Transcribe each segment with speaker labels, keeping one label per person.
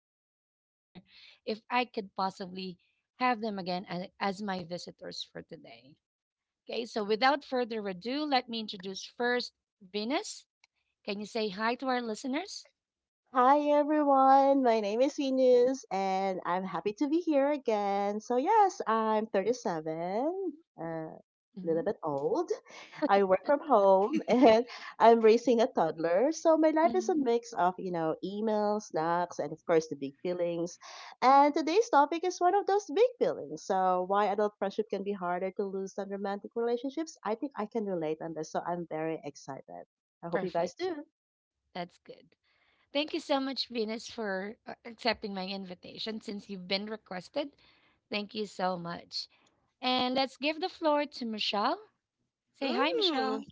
Speaker 1: coming from a listener if I could possibly have them again as my visitors for today. Okay, so without further ado, let me introduce first Venus. Can you say hi to our listeners?
Speaker 2: Hi everyone, my name is Venus and I'm happy to be here again. So yes, I'm 37, a little
Speaker 1: Mhm.
Speaker 2: bit old. I work from home and I'm raising a toddler. So my life is a mix of, you know, emails, snacks, and of course the big feelings. And today's topic is one of those big feelings. So why adult friendship can be harder to lose than romantic relationships. I think I can relate on this. So I'm very excited. I hope you
Speaker 1: Perfect.
Speaker 2: guys do.
Speaker 1: That's good. Thank you so much, Venus, for accepting my invitation since you've been requested. Thank you so much. And let's give the floor to Michelle. Say hi,
Speaker 3: Ooh.
Speaker 1: Michelle.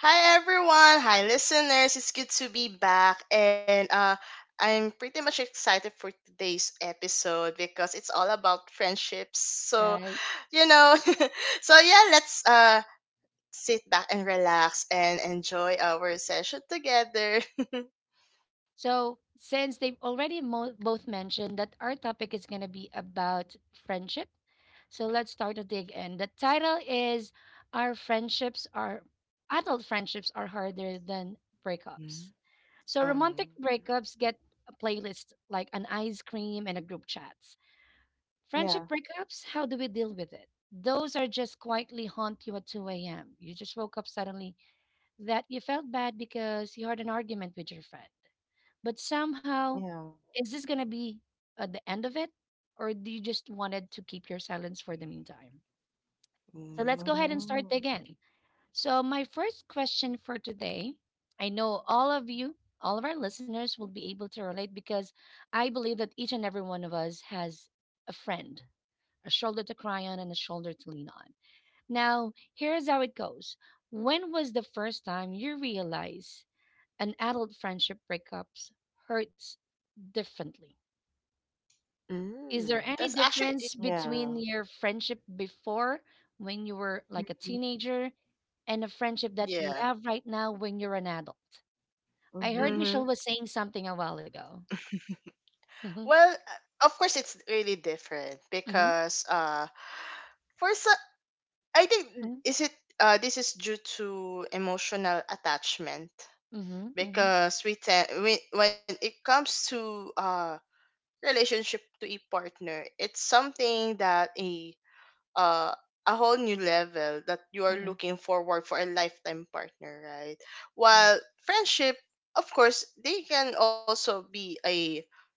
Speaker 3: Hi everyone, hi listeners. It's good to be back, and I'm pretty much excited for today's episode because it's all about friendships.
Speaker 1: Right.
Speaker 3: You know, so yeah, let's sit back and relax and enjoy our session together.
Speaker 1: So, since they've already both mentioned that our topic is going to be about friendship, so let's start at the end. The title is Our Friendships Are Adult Friendships Are Harder Than
Speaker 3: Mm.
Speaker 1: Breakups. So
Speaker 3: Uh-huh.
Speaker 1: romantic breakups get a playlist like an ice cream and a group chats. Friendship
Speaker 2: Yeah.
Speaker 1: breakups, how do we deal with it? Those are just quietly haunt you at 2 a.m. You just woke up suddenly that you felt bad because you had an argument with your friend. But somehow,
Speaker 2: Yeah.
Speaker 1: is this going to be at the end of it? Or do you just wanted to keep your silence for the meantime? So let's go
Speaker 3: Mm.
Speaker 1: ahead and start
Speaker 2: Mm,
Speaker 1: again. So, my first question for today, I know all of you, all of our listeners will be able to relate because I believe that each and every one of us has a friend, a shoulder to cry on, and a shoulder to lean on. Now, here's how it goes. When was the first time you realize an adult friendship breakups hurts differently? Is there
Speaker 3: Mm,
Speaker 1: any
Speaker 3: that's actually it.
Speaker 1: difference
Speaker 2: yeah.
Speaker 1: between your friendship before, when you were like a
Speaker 3: Mm.
Speaker 1: teenager, and a friendship that you have
Speaker 3: Yeah.
Speaker 1: right now when you're an adult? I heard
Speaker 2: Mm-hmm.
Speaker 1: Michelle was
Speaker 3: Mm-hmm.
Speaker 1: saying something a while ago. Mm-hmm,
Speaker 3: Well, of course, it's really different
Speaker 1: mm-hmm,
Speaker 3: because for so, I think
Speaker 1: mm-hmm,
Speaker 3: is it this is due to emotional attachment
Speaker 1: mm-hmm,
Speaker 3: because when it comes to relationship to a partner, it's something that uh a whole new level that you are
Speaker 1: mm-hmm.
Speaker 3: looking forward for a lifetime partner, right? While
Speaker 1: Correct.
Speaker 3: friendship, of course, they can also be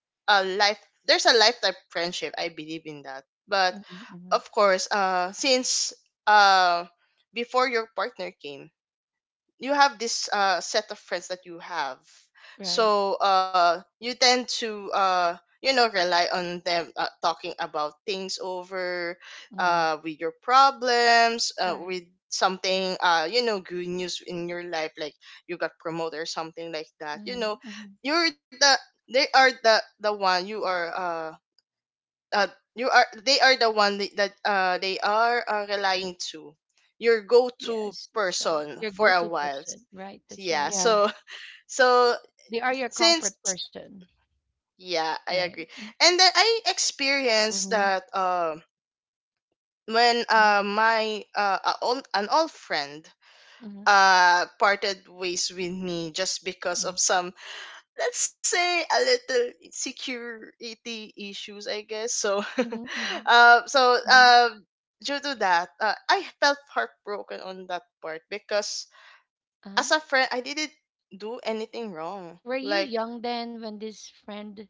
Speaker 3: a life there's a lifetime friendship. I believe in that. But
Speaker 1: Mm-hmm,
Speaker 3: of
Speaker 1: mm-hmm.
Speaker 3: course, since uh before your partner came, you have this set of friends that you have,
Speaker 1: Right.
Speaker 3: so you tend to rely on them, talking about things over,
Speaker 1: Mm-hmm.
Speaker 3: with your problems,
Speaker 1: Correct.
Speaker 3: with something, good news in your life, like you got promoted or something like that,
Speaker 1: Mm-hmm,
Speaker 3: you know.
Speaker 1: mm-hmm.
Speaker 3: You're the They are the one you are uh, they are the one that they are relying to, your go-to
Speaker 1: Yes, that's right.
Speaker 3: person
Speaker 1: Your
Speaker 3: for a
Speaker 1: go-to
Speaker 3: while.
Speaker 1: person, right? That's
Speaker 3: Yeah,
Speaker 1: right.
Speaker 2: Yeah.
Speaker 3: so so
Speaker 1: They are your
Speaker 3: since
Speaker 1: comfort person,
Speaker 3: yeah, I agree.
Speaker 1: right? Mm-hmm,
Speaker 3: And then I experienced
Speaker 2: Mm-hmm.
Speaker 3: that when,
Speaker 1: mm-hmm,
Speaker 3: an old friend
Speaker 1: mm-hmm,
Speaker 3: parted ways with me just because of some, let's say, a little security issues, I guess. So
Speaker 1: mm-hmm, mm-hmm.
Speaker 3: uh, so um due to that, I felt heartbroken on that part because
Speaker 1: Uh-huh.
Speaker 3: as a friend I didn't do anything wrong,
Speaker 1: Were you
Speaker 3: like,
Speaker 1: young then when this friend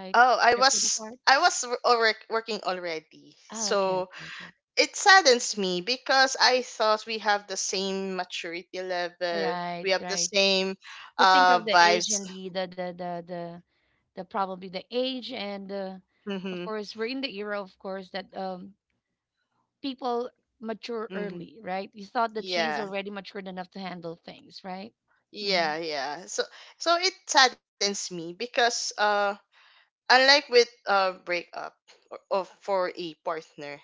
Speaker 3: oh, i
Speaker 1: drifted
Speaker 3: was
Speaker 1: apart?
Speaker 3: i was wor- alre- working already.
Speaker 1: Oh, okay,
Speaker 3: So
Speaker 1: okay, okay.
Speaker 3: it saddens me because I thought we have the same maturity level,
Speaker 1: Right,
Speaker 3: we have the
Speaker 1: right.
Speaker 3: same
Speaker 1: To think of the age
Speaker 3: vibes.
Speaker 1: and the probably the age and
Speaker 3: Hmm.
Speaker 1: of course we're in the era of course that people mature
Speaker 3: Hmm.
Speaker 1: early, right? You thought that she's
Speaker 3: Yeah.
Speaker 1: already matured enough to handle things, right? Mhm.
Speaker 3: Yeah, yeah. So so it saddens me because unlike with breakup or, of for a partner,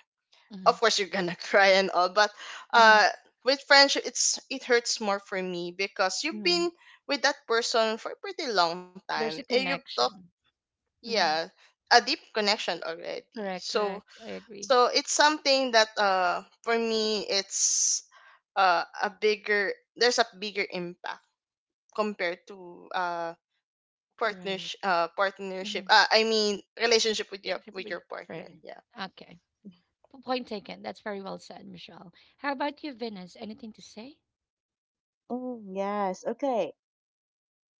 Speaker 3: of
Speaker 1: Mhm.
Speaker 3: course you're gonna cry and all, but
Speaker 1: Mhm.
Speaker 3: uh with friendship it's it hurts more for me because you've
Speaker 1: Mhm.
Speaker 3: been with that person for a pretty long time
Speaker 1: There's
Speaker 3: and
Speaker 1: a
Speaker 3: you've talked,
Speaker 1: connection.
Speaker 3: yeah,
Speaker 1: Mhm.
Speaker 3: a deep connection already.
Speaker 1: Correct,
Speaker 3: So
Speaker 1: correct. I agree.
Speaker 3: so it's something that for me it's a bigger, there's a bigger impact compared to partnership
Speaker 1: Correct.
Speaker 3: partnership
Speaker 1: Mhm.
Speaker 3: I mean relationship with
Speaker 1: Friend
Speaker 3: your
Speaker 1: with
Speaker 3: partner.
Speaker 1: friend.
Speaker 3: Yeah.
Speaker 1: Okay. Point taken. That's very well said, Michelle. How about you, Venus? Anything to say?
Speaker 2: Mm, yes. Okay.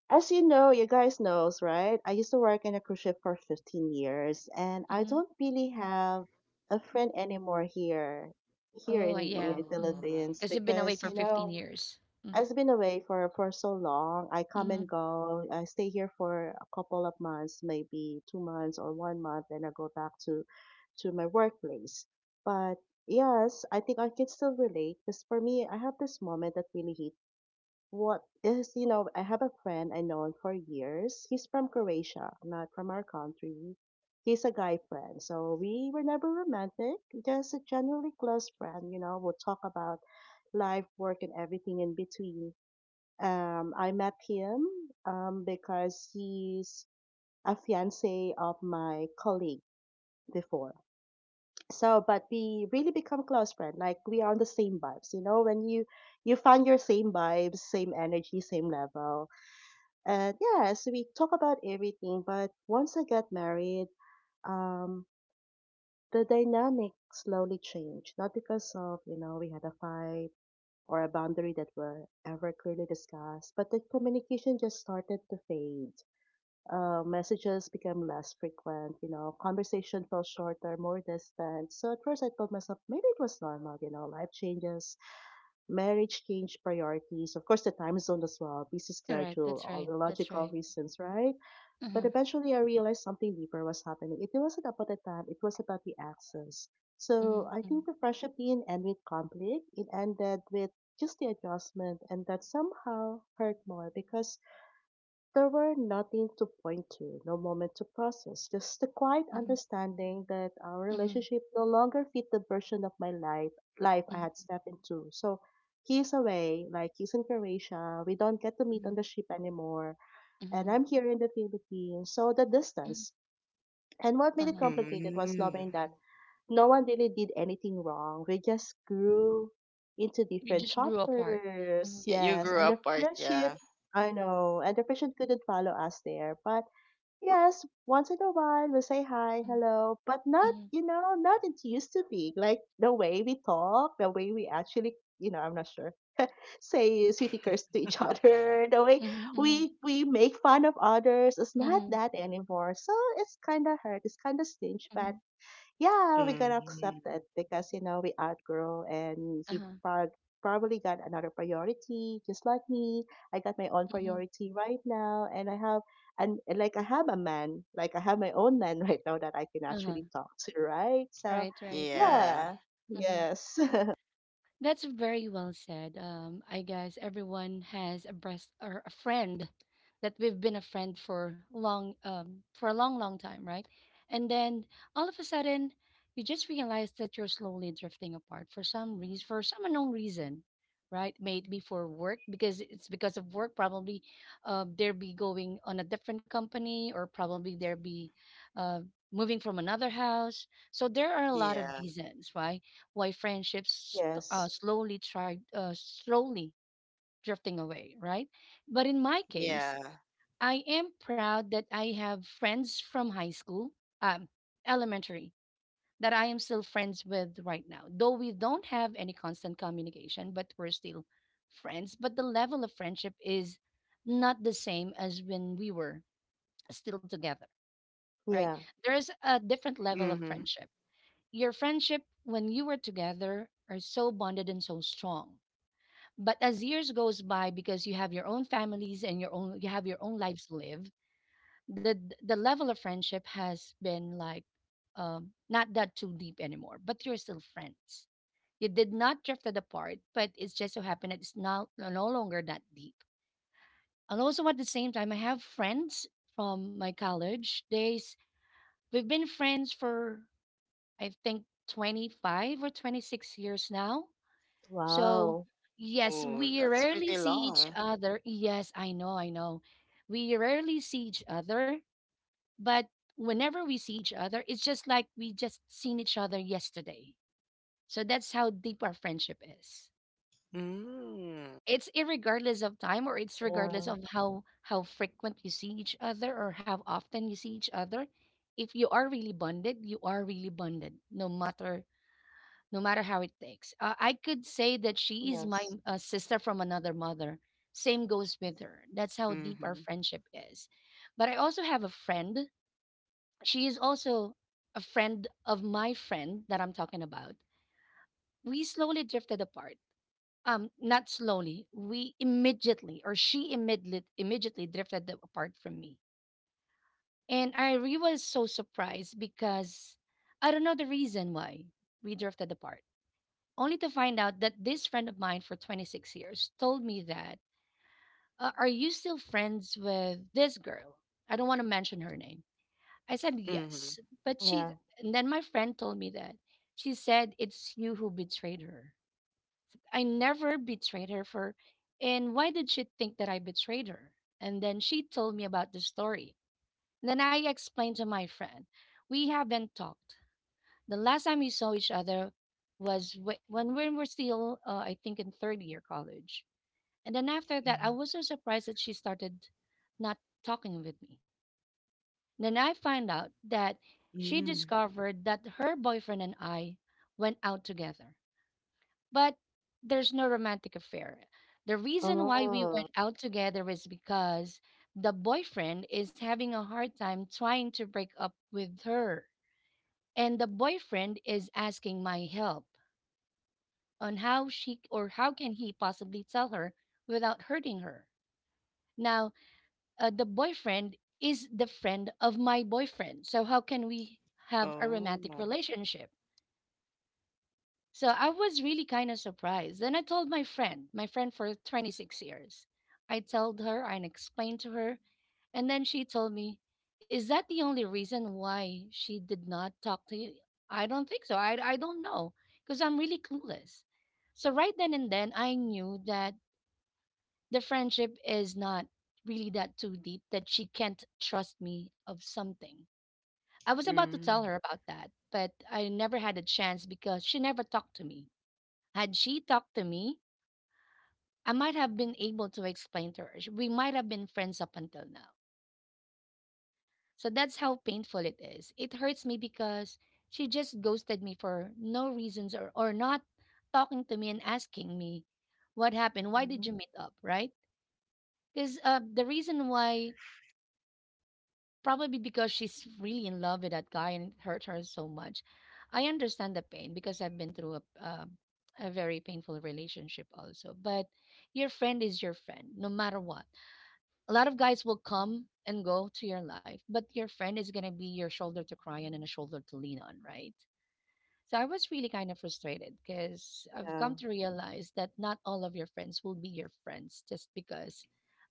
Speaker 2: As you know, you guys knows, right? I used to work in a cruise ship for 15 years, and I
Speaker 1: Mhm.
Speaker 2: don't really have a friend anymore here, here
Speaker 1: Oh,
Speaker 2: in,
Speaker 1: yeah.
Speaker 3: Oh.
Speaker 2: the
Speaker 1: Mm.
Speaker 2: Philippines,
Speaker 1: Because you've been away
Speaker 2: because
Speaker 1: for
Speaker 2: you
Speaker 1: 15
Speaker 2: know
Speaker 1: years. Mm.
Speaker 2: I've been away for so long. I come and
Speaker 1: hmm
Speaker 2: go. I stay here for a couple of months, maybe 2 months or one month, and I go back to my workplace. But yes, I think I can still relate because for me, I have this moment that really hit. What is you know, I have a friend I known for years. He's from Croatia, not from our country. He's a guy friend, so we were never romantic, just a generally close friend. You know, we'll talk about life, work, and everything in between. I met him because he's a fiance of my colleague before. So, but we really become close friends. Like we are on the same vibes, you know. When you find your same vibes, same energy, same level, and yes, we talk about everything. But once I got married, um, the dynamic slowly changed. Not because of you know we had a fight or a boundary that were ever clearly discussed, but the communication just started to fade. Messages became less frequent, you know, conversation felt shorter, more distant. So at first I told myself maybe it was normal, you know, life changes, marriage changed priorities, of course the time zone as well, busy
Speaker 1: Correct.
Speaker 2: schedule,
Speaker 1: That's
Speaker 2: all
Speaker 1: right.
Speaker 2: the
Speaker 1: That's
Speaker 2: logical
Speaker 1: right.
Speaker 2: reasons, right? But
Speaker 1: Mm-hmm.
Speaker 2: eventually I realized something deeper was happening. It wasn't about the time, it was about the access. So I
Speaker 1: Mm-hmm.
Speaker 2: think the friendship didn't end with conflict. It ended with just the adjustment and that somehow hurt more because there were nothing to point to, no moment to process, just the quiet
Speaker 1: Mm-hmm.
Speaker 2: understanding that our
Speaker 1: Mm-hmm.
Speaker 2: relationship no longer fit the version of my life I had
Speaker 1: Mm-hmm.
Speaker 2: stepped into. So he's away, like he's in Croatia. We don't get to meet on the ship anymore. And
Speaker 1: Mm-hmm.
Speaker 2: I'm here in the Philippines. So the
Speaker 1: Hmm.
Speaker 2: distance. And what made it
Speaker 1: Uh-huh.
Speaker 2: complicated was
Speaker 3: Mm.
Speaker 2: knowing that no one really did anything wrong. We just grew into
Speaker 1: You
Speaker 2: different
Speaker 1: just grew apart. Mm-hmm.
Speaker 2: chapters.
Speaker 3: Yeah, you
Speaker 2: Yes.
Speaker 3: grew
Speaker 1: Mm-hmm.
Speaker 2: And the
Speaker 3: apart,
Speaker 2: friendship,
Speaker 3: yeah.
Speaker 2: I know. And the friendship couldn't follow us there. But yes, once in a while we say hi, hello, but not,
Speaker 1: Mm-hmm.
Speaker 2: you know, not it used to be. Like the way we talk, the way we actually, you know, I'm not sure, say sweetie curse to each other, the way
Speaker 1: Mm-hmm. Mm-hmm.
Speaker 2: we make fun of others. It's
Speaker 1: Mm-hmm.
Speaker 2: not
Speaker 1: mm-hmm,
Speaker 2: that anymore. So it's kind of hurt. It's kind of stingy,
Speaker 1: mm-hmm.
Speaker 2: but yeah, we got to
Speaker 3: Mm.
Speaker 2: accepted because, you know, we outgrow and
Speaker 1: Uh-huh.
Speaker 2: probably got another priority just like me. I got my own
Speaker 1: Mm-hmm.
Speaker 2: priority right now and I have like I have a man, like I have my own man right now that I can
Speaker 1: Uh-huh.
Speaker 2: actually talk to, right? So
Speaker 1: Right, right, right.
Speaker 3: Yeah,
Speaker 2: yeah.
Speaker 1: Mm-hmm.
Speaker 2: Yes.
Speaker 1: That's very well said. I guess everyone has a breast or a friend that we've been a friend for long, for a long, long time, right? And then all of a sudden, you just realize that you're slowly drifting apart for some reason, for some unknown reason, right? Maybe for work, because it's because of work. Probably, they'll be going on a different company, or probably they'll be uh, moving from another house. So there are a lot of
Speaker 3: yeah,
Speaker 1: reasons, right? Why friendships
Speaker 2: yes.
Speaker 1: slowly drifting away, right? But in my case,
Speaker 3: yeah.
Speaker 1: I am proud that I have friends from high school, um, elementary, that I am still friends with right now. Though we don't have any constant communication, but we're still friends. But the level of friendship is not the same as when we were still together, right?
Speaker 2: Yeah.
Speaker 1: There's a different level of
Speaker 3: Mm-hmm.
Speaker 1: friendship. Your friendship when you were together are so bonded and so strong. But as years goes by, because you have your own families and your own, you have your own lives to live, the the level of friendship has been like, not that too deep anymore. But you're still friends. You did not drifted apart, but it's just so happened that it's now no no longer that deep. And also at the same time, I have friends from my college days. We've been friends for, I think, 25 or 26 years now. So,
Speaker 2: Wow.
Speaker 1: yes,
Speaker 3: Oh,
Speaker 1: we
Speaker 3: that's
Speaker 1: rarely
Speaker 3: pretty
Speaker 1: see each
Speaker 3: long.
Speaker 1: other. Yes, I know, I know. We rarely see each other, but whenever we see each other, it's just like we just seen each other yesterday. So that's how deep our friendship is.
Speaker 3: Mm.
Speaker 1: It's irregardless of time, or it's regardless
Speaker 2: Yeah.
Speaker 1: of how frequent you see each other or how often you see each other. If you are really bonded, you are really bonded, no matter no matter how it takes. I could say that she is my
Speaker 2: Yes.
Speaker 1: sister from another mother. Same goes with her. That's how deep our
Speaker 3: Mhm.
Speaker 1: friendship is. But I also have a friend. She is also a friend of my friend that I'm talking about. We slowly drifted apart. Not slowly. We immediately, or she immediately, immediately drifted apart from me. And I really was so surprised because I don't know the reason why we drifted apart, only to find out that this friend of mine for 26 years told me that, "Are you still friends with this girl?" I don't want to mention her name. I said,
Speaker 3: Mhm.
Speaker 1: "Yes." But she,
Speaker 2: Yeah.
Speaker 1: and then my friend told me that she said, "It's you who betrayed her." I never betrayed her for, and why did she think that I betrayed her? And then she told me about the story. Then I explained to my friend, we haven't talked. The last time we saw each other was when we were still, I think, in third year college. And then after that, I
Speaker 3: Mhm.
Speaker 1: was so surprised that she started not talking with me. Then I find out that she
Speaker 3: Mhm.
Speaker 1: discovered that her boyfriend and I went out together, but there's no romantic affair. The reason why we
Speaker 2: Oh.
Speaker 1: went out together is because the boyfriend is having a hard time trying to break up with her. And the boyfriend is asking my help on how she or how can he possibly tell her without hurting her. Now, the boyfriend is the friend of my boyfriend. So how can we have a romantic
Speaker 3: Oh.
Speaker 1: relationship? So I was really kind of surprised. Then I told my friend for 26 years. I told her and explained to her, and then she told me, "Is that the only reason why she did not talk to you?" I don't think so. I don't know, because I'm really clueless. So right then and then I knew that the friendship is not really that too deep that she can't trust me of something. I was about to
Speaker 3: Mm.
Speaker 1: tell her about that, but I never had a chance because she never talked to me. Had she talked to me, I might have been able to explain to her. We might have been friends up until now. So that's how painful it is. It hurts me because she just ghosted me for no reasons, or not talking to me and asking me what happened. Why did
Speaker 2: Mhm.
Speaker 1: you meet up, right? Because the reason why probably because she's really in love with that guy and it hurt her so much. I understand the pain because I've been through a very painful relationship also. But your friend is your friend, no matter what. A lot of guys will come and go to your life, but your friend is gonna be your shoulder to cry on and a shoulder to lean on, right? So I was really kind of frustrated because I've
Speaker 2: Yeah.
Speaker 1: come to realize that not all of your friends will be your friends just because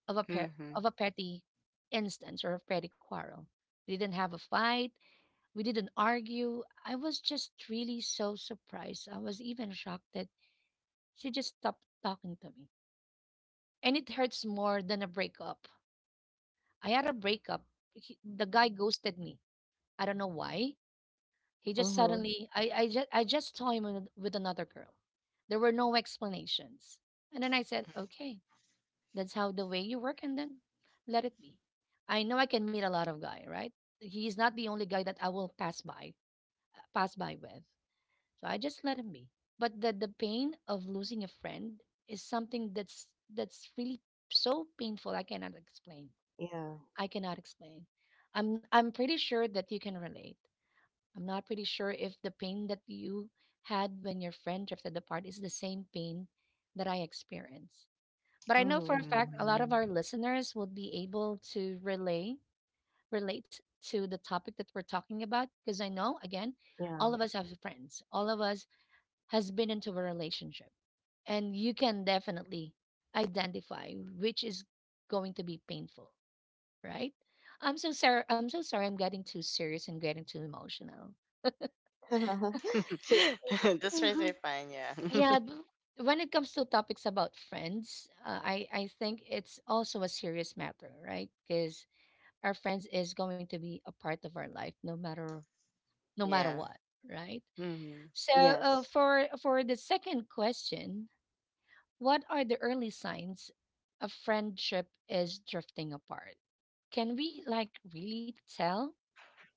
Speaker 1: of a
Speaker 3: Mhm.
Speaker 1: of a petty instance or a petty quarrel. We didn't have a fight. We didn't argue. I was just really so surprised. I was even shocked that she just stopped talking to me. And it hurts more than a breakup. I had a breakup. He, the guy ghosted me. I don't know why. He just
Speaker 2: Mm-hmm.
Speaker 1: suddenly I just saw him with another girl. There were no explanations. And then I said, "Okay, that's how the way you work, and then let it be. I know I can meet a lot of guy, right? He's not the only guy that I will pass by, pass by with." So I just let him be. But the pain of losing a friend is something that's really so painful. I cannot explain.
Speaker 2: Yeah.
Speaker 1: I cannot explain. I'm pretty sure that you can relate. I'm not pretty sure if the pain that you had when your friend drifted apart is the same pain that I experience. But I know for
Speaker 2: Mm-hmm.
Speaker 1: a fact a lot of
Speaker 3: Mhm.
Speaker 1: our listeners would be able to relay relate to the topic that we're talking about because I know, again,
Speaker 2: Yeah.
Speaker 1: all of us have friends. All of us has been into a relationship and you can definitely identify which is going to be painful, right? I'm so sorry. I'm so sorry. I'm getting too serious and getting too emotional.
Speaker 2: so
Speaker 3: This That's
Speaker 1: Hmm.
Speaker 3: pretty fine, yeah.
Speaker 1: Yeah, when it comes to topics about friends, I think it's also a serious matter, right? Because our friends is going to be a part of our life no matter
Speaker 3: Yeah.
Speaker 1: what, right?
Speaker 3: Mhm.
Speaker 1: So
Speaker 2: Yes.
Speaker 1: for the second question, what are the early signs a friendship is drifting apart? Can we, like, really tell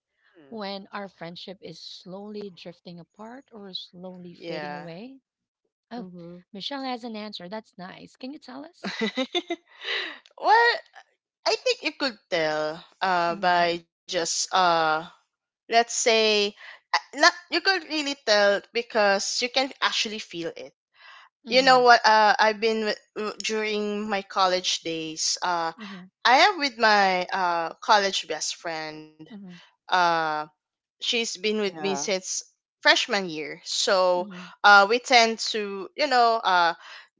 Speaker 3: Hmm.
Speaker 1: when our friendship is slowly drifting apart or slowly fading
Speaker 3: Yeah.
Speaker 1: away? Oh,
Speaker 2: Mhm.
Speaker 1: Michelle has an answer that's nice. Can you tell us?
Speaker 3: Well, I think you could tell uh
Speaker 1: Mm-hmm.
Speaker 3: by just uh let's say, not, you could really tell because you can actually feel it. You know
Speaker 1: Mm-hmm.
Speaker 3: what, I've been with, during my college days.
Speaker 1: Mm-hmm.
Speaker 3: I am with my college best friend.
Speaker 1: Mm-hmm.
Speaker 3: Uh she's been with me
Speaker 2: Yeah.
Speaker 3: since freshman year. So
Speaker 1: Mm-hmm.
Speaker 3: we tend to, you know,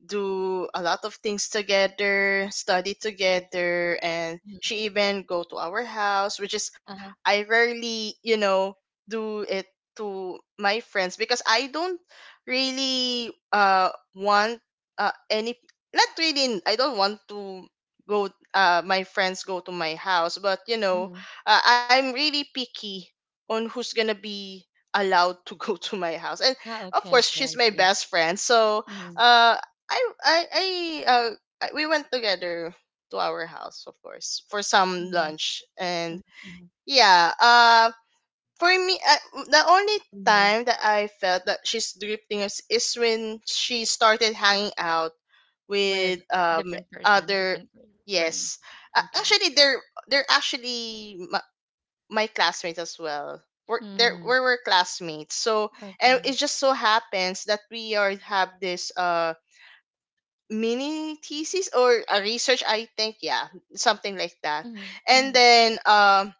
Speaker 3: do a lot of things together, study together, and she even go to our house, which is
Speaker 1: Uh-huh.
Speaker 3: I rarely, you know, do it to my friends because I don't really want any not really I don't want to go, my friends go to my house, but you know,
Speaker 1: Mm-hmm.
Speaker 3: I'm really picky on who's gonna be allowed to go to my house. And
Speaker 1: Ah,
Speaker 3: of
Speaker 1: okay,
Speaker 3: course
Speaker 1: okay,
Speaker 3: she's
Speaker 1: I
Speaker 3: my
Speaker 1: see.
Speaker 3: best friend, so uh i i i uh we went together to our house, of course, for some
Speaker 1: Mhm,
Speaker 3: lunch,
Speaker 1: mhm,
Speaker 3: and
Speaker 1: mhm.
Speaker 3: yeah. For me, the only
Speaker 2: Mhm.
Speaker 3: time that I felt that she's drifting is when she started hanging out
Speaker 1: With
Speaker 3: with
Speaker 1: different person,
Speaker 3: other
Speaker 1: different friends.
Speaker 3: yes,
Speaker 1: Okay.
Speaker 3: actually they're actually my classmates as well. We
Speaker 1: Mm,
Speaker 3: were classmates. So, and it
Speaker 1: okay.
Speaker 3: just so happens that we are have this mini thesis or a research, I think, yeah, something like that.
Speaker 1: Mm-hmm,
Speaker 3: And
Speaker 1: mm-hmm,
Speaker 3: then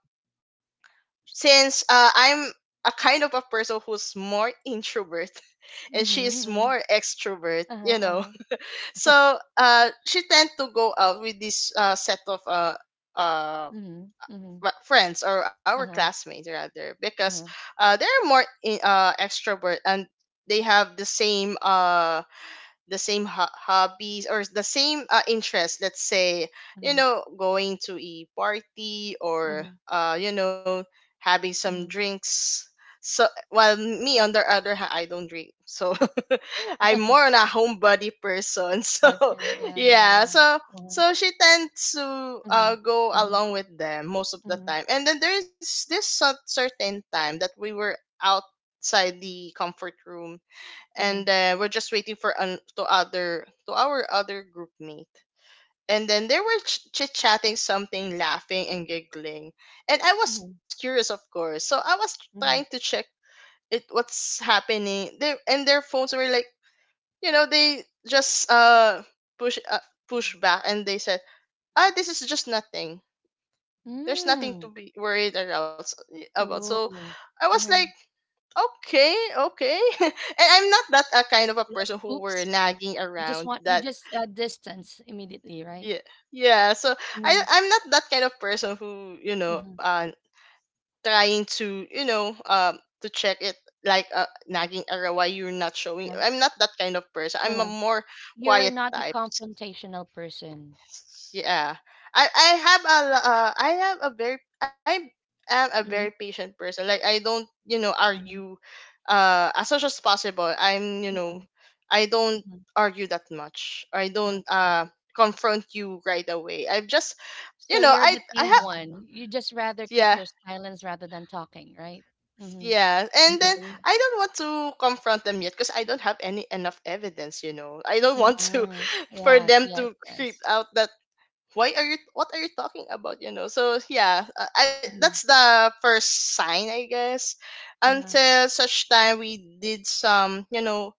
Speaker 3: since, I'm a kind of a person who's more introvert and she
Speaker 1: mm-hmm.
Speaker 3: is
Speaker 1: Hmm.
Speaker 3: more extrovert,
Speaker 1: Uh-huh,
Speaker 3: you know.
Speaker 1: uh-huh.
Speaker 3: So she tend to go out with this set of uh
Speaker 1: Mm-hmm, mm-hmm.
Speaker 3: friends or our
Speaker 1: Uh-huh,
Speaker 3: classmates rather because
Speaker 1: uh-huh.
Speaker 3: they're more in, extrovert, and they have the same ho- hobbies or the same interests, let's say, you
Speaker 1: Mm-hmm,
Speaker 3: know, going to a party, or
Speaker 1: mm-hmm,
Speaker 3: you know, having some
Speaker 1: mm-hmm.
Speaker 3: drinks. So while me on the other hand, I don't drink, so I'm more on a homebody person so
Speaker 1: Okay. Yeah, yeah,
Speaker 3: yeah.
Speaker 1: yeah.
Speaker 3: So
Speaker 1: Uh-huh.
Speaker 3: so she tends to,
Speaker 1: Mm-hmm,
Speaker 3: go
Speaker 1: mm-hmm,
Speaker 3: along with them most of the
Speaker 1: mm-hmm,
Speaker 3: time, and then there's this certain time that we were outside the comfort room,
Speaker 1: mm-hmm,
Speaker 3: and we're just waiting for an, to other to our other group mate. And then they were chit chatting something, laughing and giggling. And I was
Speaker 1: mm-hmm,
Speaker 3: curious, of course. So I was trying to
Speaker 1: mm-hmm.
Speaker 3: check it, what's happening. They and their phones were like, you know, they just push uh, push back, and they said, ah, this is just nothing. There's nothing
Speaker 1: Mm.
Speaker 3: to be worried about. So,
Speaker 1: Ooh.
Speaker 3: I was like,
Speaker 1: Uh-huh.
Speaker 3: okay, okay. And I'm not that, kind of a
Speaker 1: Like,
Speaker 3: person who were
Speaker 1: oops.
Speaker 3: nagging
Speaker 1: You just
Speaker 3: around
Speaker 1: want, you
Speaker 3: that.
Speaker 1: just uh, distance immediately, right?
Speaker 3: Yeah, yeah. So I
Speaker 1: Mm-hmm,
Speaker 3: I'm not that kind of person who, you know,
Speaker 1: mm-hmm.
Speaker 3: trying to, you know, to check it, like, nagging around why you're not showing. I'm not that kind of person. I'm a
Speaker 1: Uh-huh.
Speaker 3: more
Speaker 1: You're
Speaker 3: quiet
Speaker 1: not a
Speaker 3: type.
Speaker 1: confrontational person.
Speaker 3: Yeah, I have a lo- I have a very, I am a very
Speaker 1: Mhm,
Speaker 3: patient person. Like I don't, you know,
Speaker 1: mhm,
Speaker 3: argue as much as possible, I'm, you know,
Speaker 1: mhm,
Speaker 3: I don't
Speaker 1: mhm.
Speaker 3: argue that much. I don't
Speaker 1: Okay.
Speaker 3: confront you right away. I'm just, you
Speaker 1: So
Speaker 3: know,
Speaker 1: you're the
Speaker 3: I
Speaker 1: tamed
Speaker 3: have
Speaker 1: one. You just rather
Speaker 3: yeah.
Speaker 1: keep your silence rather than talking, right? Mm-hmm.
Speaker 3: Yeah, and then
Speaker 1: Got it. Got
Speaker 2: Mhm.
Speaker 3: I
Speaker 1: it.
Speaker 3: don't want to confront them yet because I don't have any enough evidence, you know, I don't want to
Speaker 1: Mhm.
Speaker 3: for
Speaker 1: Yes,
Speaker 3: them
Speaker 1: yes,
Speaker 3: to creep
Speaker 1: yes.
Speaker 3: out, that why are you, what are you talking about, you know. So yeah, I, that's
Speaker 1: Mhm.
Speaker 3: the first sign, I guess.
Speaker 1: Uh-huh.
Speaker 3: Until such time we did some, you know,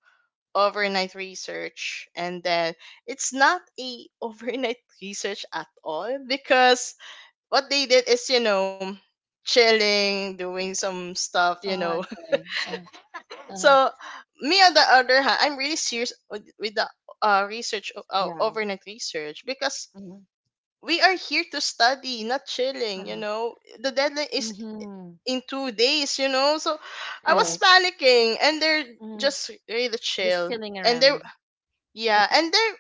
Speaker 3: overnight research, and then it's not a overnight research at all, because what they did is, you know, chilling, doing some stuff, you
Speaker 1: Oh,
Speaker 3: know.
Speaker 1: okay. Uh-huh.
Speaker 3: So me on the other hand, I'm really serious with the research,
Speaker 2: Yeah.
Speaker 3: overnight research, because
Speaker 1: Mhm.
Speaker 3: we are here to study, not chilling, you
Speaker 1: Uh-huh.
Speaker 3: know. The deadline is
Speaker 1: Mm-hmm.
Speaker 3: in 2 days, you know. So I was
Speaker 1: Correct.
Speaker 2: Yes.
Speaker 3: panicking and they're
Speaker 1: Mm-hmm.
Speaker 3: just really
Speaker 1: Just
Speaker 3: chill.
Speaker 1: filling
Speaker 3: And they're
Speaker 1: around.
Speaker 3: Yeah,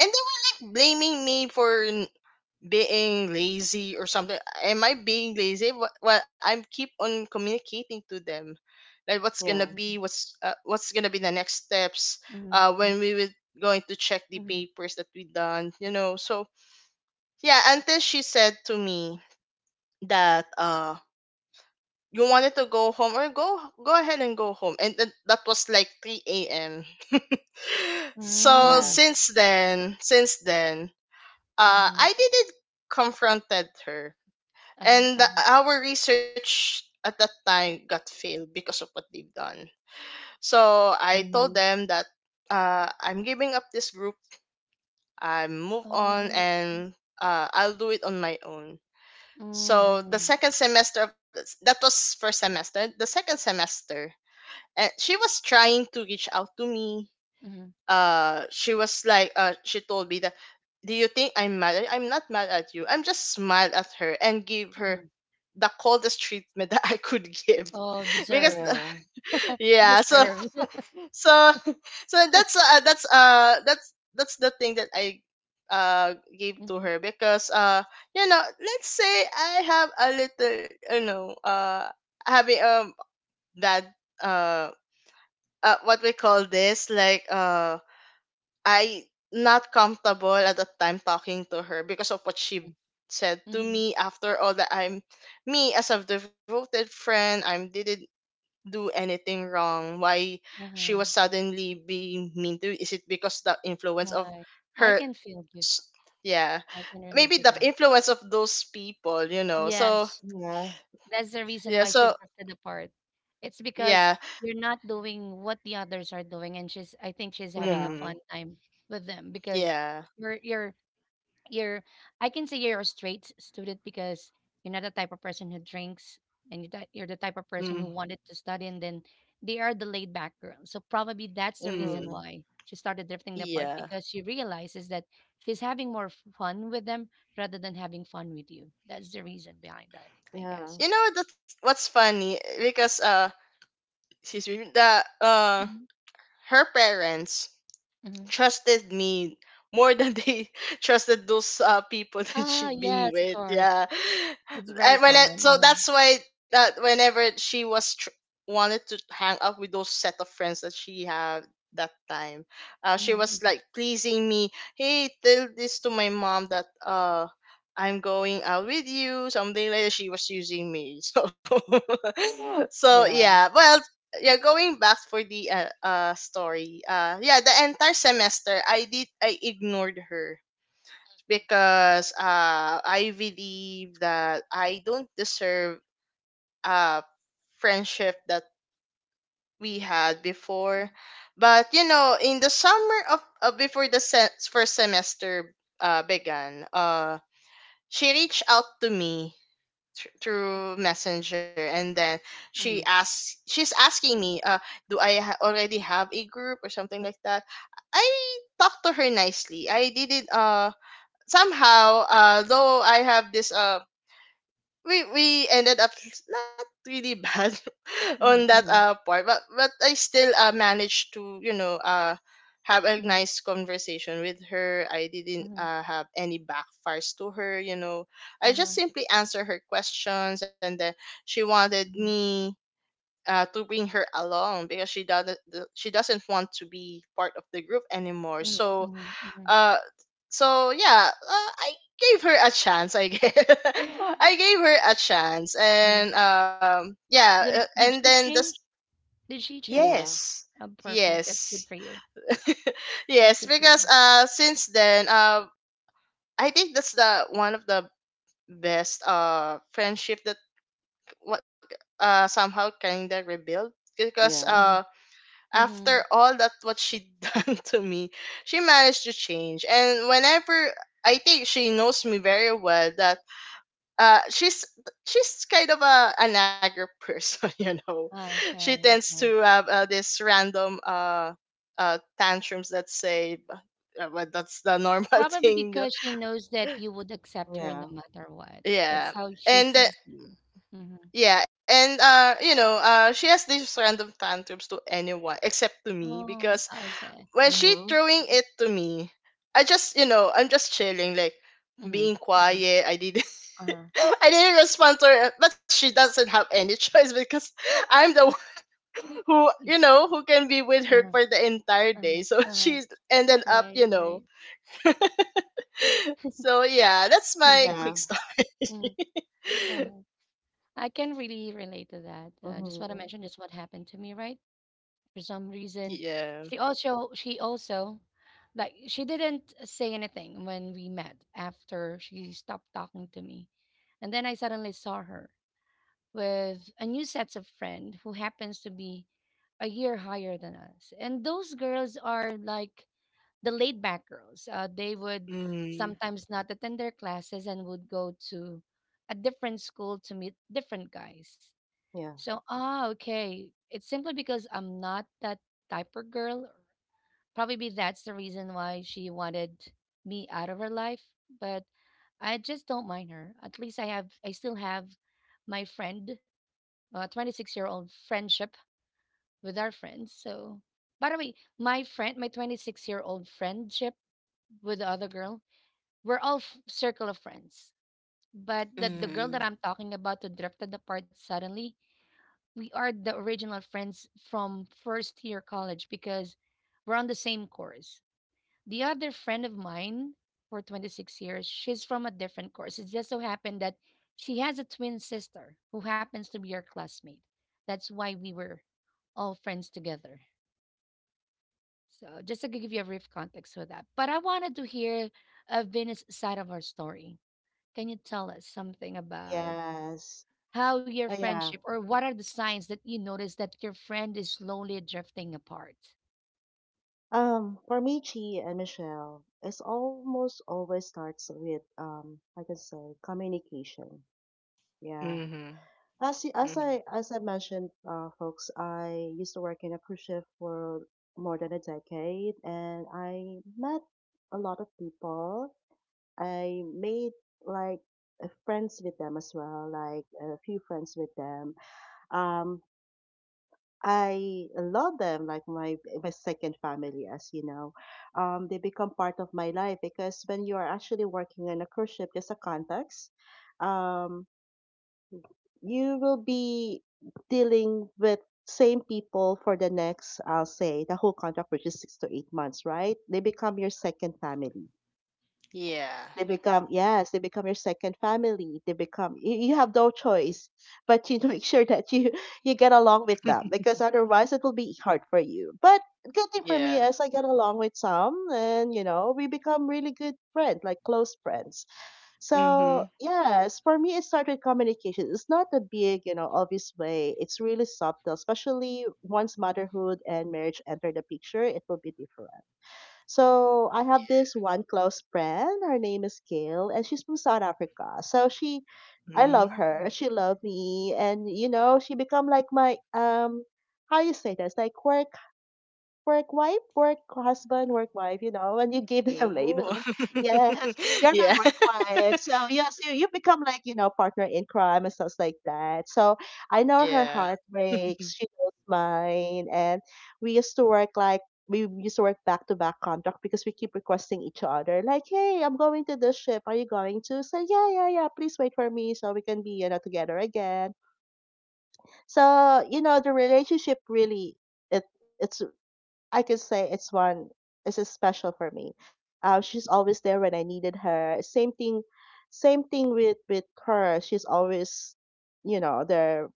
Speaker 3: and they were like blaming me for being lazy or something. Am I being lazy? Well, I keep on communicating to them like what's gonna
Speaker 2: Yeah.
Speaker 3: be
Speaker 1: Mm-hmm.
Speaker 3: what's gonna be the next steps
Speaker 1: Mm-hmm.
Speaker 3: when we were going to check the
Speaker 1: Mm-hmm.
Speaker 3: papers that we done, you know. So yeah, until she said to me that, you wanted to go home or go go ahead and go home, and that was like 3 a.m. So
Speaker 2: Yeah.
Speaker 1: Mm-hmm. Mm-hmm.
Speaker 3: since then, since then, uh
Speaker 1: Mm-hmm.
Speaker 3: i didn't confronted her,
Speaker 1: Uh-huh.
Speaker 3: and
Speaker 1: Uh-huh.
Speaker 3: our research at that time got failed because of what they've done. So I told
Speaker 2: Mhm.
Speaker 3: them that, I'm giving up this group. I move on,
Speaker 1: Oh.
Speaker 3: and, I'll do it on my own. So the
Speaker 1: Mm-hmm.
Speaker 3: second semester of, that was first semester, the second semester, and she was trying to reach out to me.
Speaker 1: Mm-hmm.
Speaker 3: She told me that, do you think I'm mad? At I'm not mad at you. I'm just smiled at her and gave her
Speaker 1: Mm-hmm.
Speaker 3: the coldest treatment that I could give
Speaker 1: Oh,
Speaker 3: because
Speaker 1: deserved.
Speaker 2: Yeah.
Speaker 3: yeah. So
Speaker 1: Deserved.
Speaker 3: so that's the thing that I gave to
Speaker 1: Mhm,
Speaker 3: her, because you know, let's say I have a little, you know, having that uh, what we call this, like, I not comfortable at the time talking to her because of what she
Speaker 1: mm,
Speaker 3: said to
Speaker 1: mhm,
Speaker 3: me. After all that, I'm me as a devoted friend, I'm did not do anything wrong. Why she was
Speaker 1: uh-huh,
Speaker 3: suddenly being mean to, is it because the influence of
Speaker 1: right. I
Speaker 3: her
Speaker 1: can feel you.
Speaker 3: s- yeah,
Speaker 1: I can relate
Speaker 3: maybe
Speaker 1: to
Speaker 3: the
Speaker 1: that.
Speaker 3: influence of those people, you know. So
Speaker 1: Yes,
Speaker 2: Yeah.
Speaker 1: that's the
Speaker 3: yeah,
Speaker 1: reason why
Speaker 3: so
Speaker 1: she drifted apart. It's
Speaker 3: yeah.
Speaker 1: because you're not doing what the others are doing, and she's, I think she's having a
Speaker 2: Yeah.
Speaker 3: Hmm.
Speaker 1: fun time with them because
Speaker 3: Yeah.
Speaker 1: you're you're you're I can say you're a straight student because you're not the type of person who drinks, and you're the type of
Speaker 3: Hmm.
Speaker 1: person who wanted to study, and then they are the laid back girl. So probably that's the reason
Speaker 2: Mhm.
Speaker 3: Hmm.
Speaker 1: why she started drifting apart,
Speaker 3: Yeah.
Speaker 1: because she realizes that she's having more fun with them rather than having fun with you. That's the reason behind that, I
Speaker 2: Yeah.
Speaker 1: guess.
Speaker 3: You know, that's what's funny, because she's the,
Speaker 1: Mhm.
Speaker 3: her parents
Speaker 1: Mhm.
Speaker 3: trusted me more than they trusted those, people, that
Speaker 1: Ah,
Speaker 3: she'd been
Speaker 1: yes, of
Speaker 3: with.
Speaker 1: course.
Speaker 3: Yeah,
Speaker 1: It's very
Speaker 3: and when I,
Speaker 1: common.
Speaker 3: so
Speaker 1: Uh-huh.
Speaker 3: that's why that whenever she was wanted to hang out with those set of friends that she had that time,
Speaker 1: Mhm,
Speaker 3: she
Speaker 1: mhm,
Speaker 3: was
Speaker 1: mhm,
Speaker 3: like pleasing me. Hey, tell this to my mom that, I'm going out with you, something like that. She was using me, so so yeah.
Speaker 2: Yeah.
Speaker 3: Well, yeah, going back for the story, yeah, the entire semester I did I ignored her because I believe that I don't deserve uh friendship that we had before. But you know, in the summer of before the first semester began, she reached out to me through Messenger, and then
Speaker 1: mhm,
Speaker 3: she's asking me, do I already have a group or something like that. I talked to her nicely. I didn't somehow, though I have this we ended up not really bad
Speaker 1: mhm,
Speaker 3: on
Speaker 1: mhm,
Speaker 3: that
Speaker 1: mhm, mhm, mhm,
Speaker 3: part, but I still managed to, you know, have a nice conversation with her. I didn't
Speaker 1: mhm,
Speaker 3: have any backfires to her, you know. I
Speaker 1: uh-huh.
Speaker 3: just simply answer her questions, and then she wanted me, to bring her along because she doesn't, she doesn't want to be part of the group anymore.
Speaker 1: Mhm,
Speaker 3: So
Speaker 1: mhm, mhm,
Speaker 3: uh so yeah, I gave her a chance, I guess. I gave her a chance,
Speaker 1: mhm.
Speaker 3: and yeah,
Speaker 1: Did it
Speaker 3: and
Speaker 1: did she
Speaker 3: then the
Speaker 1: change? Did she change?
Speaker 2: Yeah.
Speaker 3: Yes.
Speaker 1: Oh, perfect. That's
Speaker 3: Yes.
Speaker 1: good for you. That's
Speaker 3: Yes,
Speaker 1: good for you.
Speaker 3: because since then, I think that's the one of the best friendship that what somehow kind of rebuilt because
Speaker 2: Yeah.
Speaker 1: Mhm, mhm.
Speaker 3: after all that what she done to me, she managed to change. And whenever I think she knows me very well that uh, she's she's kind of a an aggro person, you know. She
Speaker 1: Okay,
Speaker 3: tends to
Speaker 1: okay.
Speaker 3: have this random tantrums. That say, but that's the normal
Speaker 1: Probably
Speaker 3: thing.
Speaker 1: because she knows that you would accept her no
Speaker 2: Yeah.
Speaker 1: matter what. That's
Speaker 3: Yeah,
Speaker 1: how she
Speaker 3: and
Speaker 1: sees you. Hmm.
Speaker 3: yeah, and she has these random tantrums to anyone except to me,
Speaker 1: Oh,
Speaker 3: because
Speaker 1: okay.
Speaker 3: when she
Speaker 2: Mhm.
Speaker 3: throwing it to me, I just, you know, I'm just chilling, like
Speaker 1: Mm-hmm,
Speaker 3: being
Speaker 1: mm-hmm.
Speaker 3: quiet. I didn't
Speaker 1: Uh-huh.
Speaker 3: I didn't respond to her, but she doesn't have any choice, because I'm the who, you
Speaker 1: y-
Speaker 3: know, who can be with her
Speaker 1: Uh-huh.
Speaker 3: for the entire day,
Speaker 1: Uh-huh.
Speaker 3: so
Speaker 1: Uh-huh.
Speaker 3: she's ended up,
Speaker 1: Right,
Speaker 3: you know.
Speaker 1: right.
Speaker 3: So yeah, that's my
Speaker 1: Easy.
Speaker 3: quick
Speaker 2: Yeah.
Speaker 3: stop.
Speaker 1: Mm, uh-huh. I can really relate to that. Just what I
Speaker 2: Mhm.
Speaker 1: mentioned, just what happened to me, right? For some reason,
Speaker 3: Yeah.
Speaker 1: she also like, she didn't say anything when we met after she stopped talking to me, and then I suddenly saw her with a new set of friend who happens to be a year higher than us, and those girls are like the laid back girls. They would
Speaker 3: Mm-hmm.
Speaker 1: sometimes not attend their classes and would go to a different school to meet different guys.
Speaker 2: Yeah.
Speaker 1: So, ah, okay. It's simply because I'm not that type of girl. Probably be that's the reason why she wanted me out of her life. But I just don't mind her. At least I still have my friend, 26-year-old friendship with our friends. So, by the way, my friend, my 26-year-old friendship with the other girl, we're all circle of friends. But the girl
Speaker 3: Mm-hmm.
Speaker 1: that I'm talking about who drifted apart suddenly, we are the original friends from first year college because we're on the same course. The other friend of mine for 26 years, she's from a different course. It just so happened that she has a twin sister who happens to be our classmate. That's why we were all friends together. So, just to give you a brief context for that. But I wanted to hear Venus' side of our story. Can you tell us something about
Speaker 2: Yes.
Speaker 1: how your
Speaker 2: Yeah.
Speaker 1: friendship, or what are the signs that you notice that your friend is slowly drifting apart?
Speaker 2: For me, Chi and Michelle, it's almost always starts with like I say, communication. Yeah.
Speaker 3: Mm-hmm.
Speaker 2: As, y-
Speaker 3: Mm-hmm.
Speaker 2: as I mentioned, folks, I used to work in a cruise ship for more than a decade, and I met a lot of people. I made like friends with them as well, like a few friends with them. Um, I love them like my second family, as you know. They become part of my life because when you are actually working in a cruise ship, there's a context. Um, you will be dealing with same people for the next, I'll say, the whole contract, which is 6 to 8 months, right? They become your second family.
Speaker 3: Yeah,
Speaker 2: They become, yes, they become your second family. You have no choice but to make sure that you get along with them because otherwise it will be hard for you. But good thing for me
Speaker 3: yeah.
Speaker 2: is I get along with some and, you know, we become really good friends, like close friends.
Speaker 3: Mm-hmm.
Speaker 2: So yes, for me, it started with communication. It's not a big, you know, obvious way. It's really subtle, especially once motherhood and marriage enter the picture, it will be different. So I have this one close friend. Her name is Gail, and she's from South Africa. I love
Speaker 3: Mm-hmm.
Speaker 2: her. She loved me, and you know, she become like my how you say this, like work wife, you know, and you give them a
Speaker 3: Oh.
Speaker 2: label. Yes, you're my
Speaker 3: Yeah.
Speaker 2: work wife. So yes, you become like, you know, partner in crime and stuff like that. So I know her
Speaker 3: Yeah.
Speaker 2: heart breaks, she knows mine. And we used to work like we used to work back to back contract because we keep requesting each other, like, hey, I'm going to this ship. Are you going to? So yeah, please wait for me so we can be, you know, together again. So, you know, the relationship really it it's I can say it's a special for me. She's always there when I needed her. Same thing with her. She's always, you know, there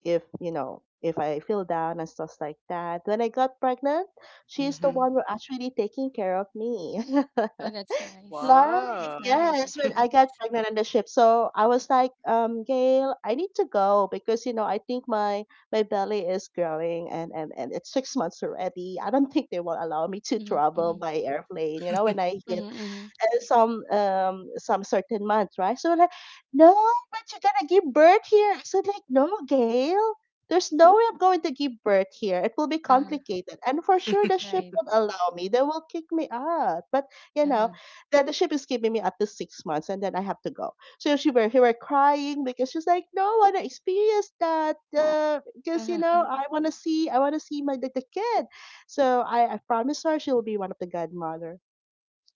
Speaker 2: if, you know, if I feel down and stuff like that. When I got pregnant, she's the
Speaker 3: Mm-hmm.
Speaker 2: one who actually taking care of me.
Speaker 1: Oh, that's nice.
Speaker 2: Like,
Speaker 3: Wow.
Speaker 1: That's nice.
Speaker 2: yes,
Speaker 1: That's
Speaker 2: when I got
Speaker 1: nice.
Speaker 2: pregnant on the ship. So I was like, Gail, I need to go because, you know, I think my belly is growing and it's 6 months already. I don't think they will allow me to
Speaker 1: Mm-hmm,
Speaker 2: travel
Speaker 1: mm-hmm,
Speaker 2: by airplane, you know, when I hit
Speaker 1: mm-hmm, mm-hmm.
Speaker 2: some certain month, right? So like, no, but you're gonna give birth here. I said like, no, Gail, there's no way I'm going to give birth here. It will be
Speaker 1: Uh-huh.
Speaker 2: complicated, and for sure the ship
Speaker 1: Right.
Speaker 2: won't allow me. They will kick me out. But you know,
Speaker 1: Uh-huh.
Speaker 2: the ship is keeping me up to 6 months, and then I have to go. So she were, he were crying because she's like, no, I want to experience that because you
Speaker 1: Uh-huh.
Speaker 2: know I want to see my the kid. So I promised her she will be one of the godmother.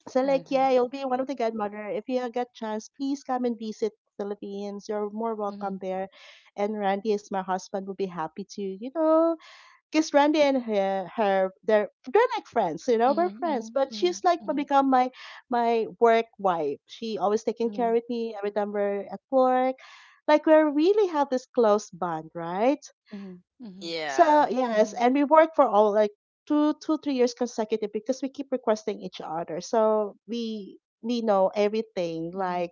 Speaker 2: So like,
Speaker 1: Uh-huh.
Speaker 2: yeah, you'll be one of the godmother. If you get chance, please come and visit Philippines. You're more
Speaker 1: Mm-hmm.
Speaker 2: welcome there. And Randy is my husband will be happy to, you know, because Randy and her they're like friends, you know, we're
Speaker 1: Mm-hmm.
Speaker 2: friends. But
Speaker 1: Mm-hmm.
Speaker 2: she's like
Speaker 1: Mm-hmm.
Speaker 2: become my work wife. She always taking care
Speaker 1: Mm-hmm.
Speaker 2: of me every time we're at work. Like we really have this close bond, right?
Speaker 1: Mm-hmm. Mm-hmm.
Speaker 3: Yeah.
Speaker 2: So yes,
Speaker 1: Mm-hmm.
Speaker 2: and we worked for all like 3 years consecutive because we keep requesting each other. So we know everything,
Speaker 1: Mm-hmm.
Speaker 2: like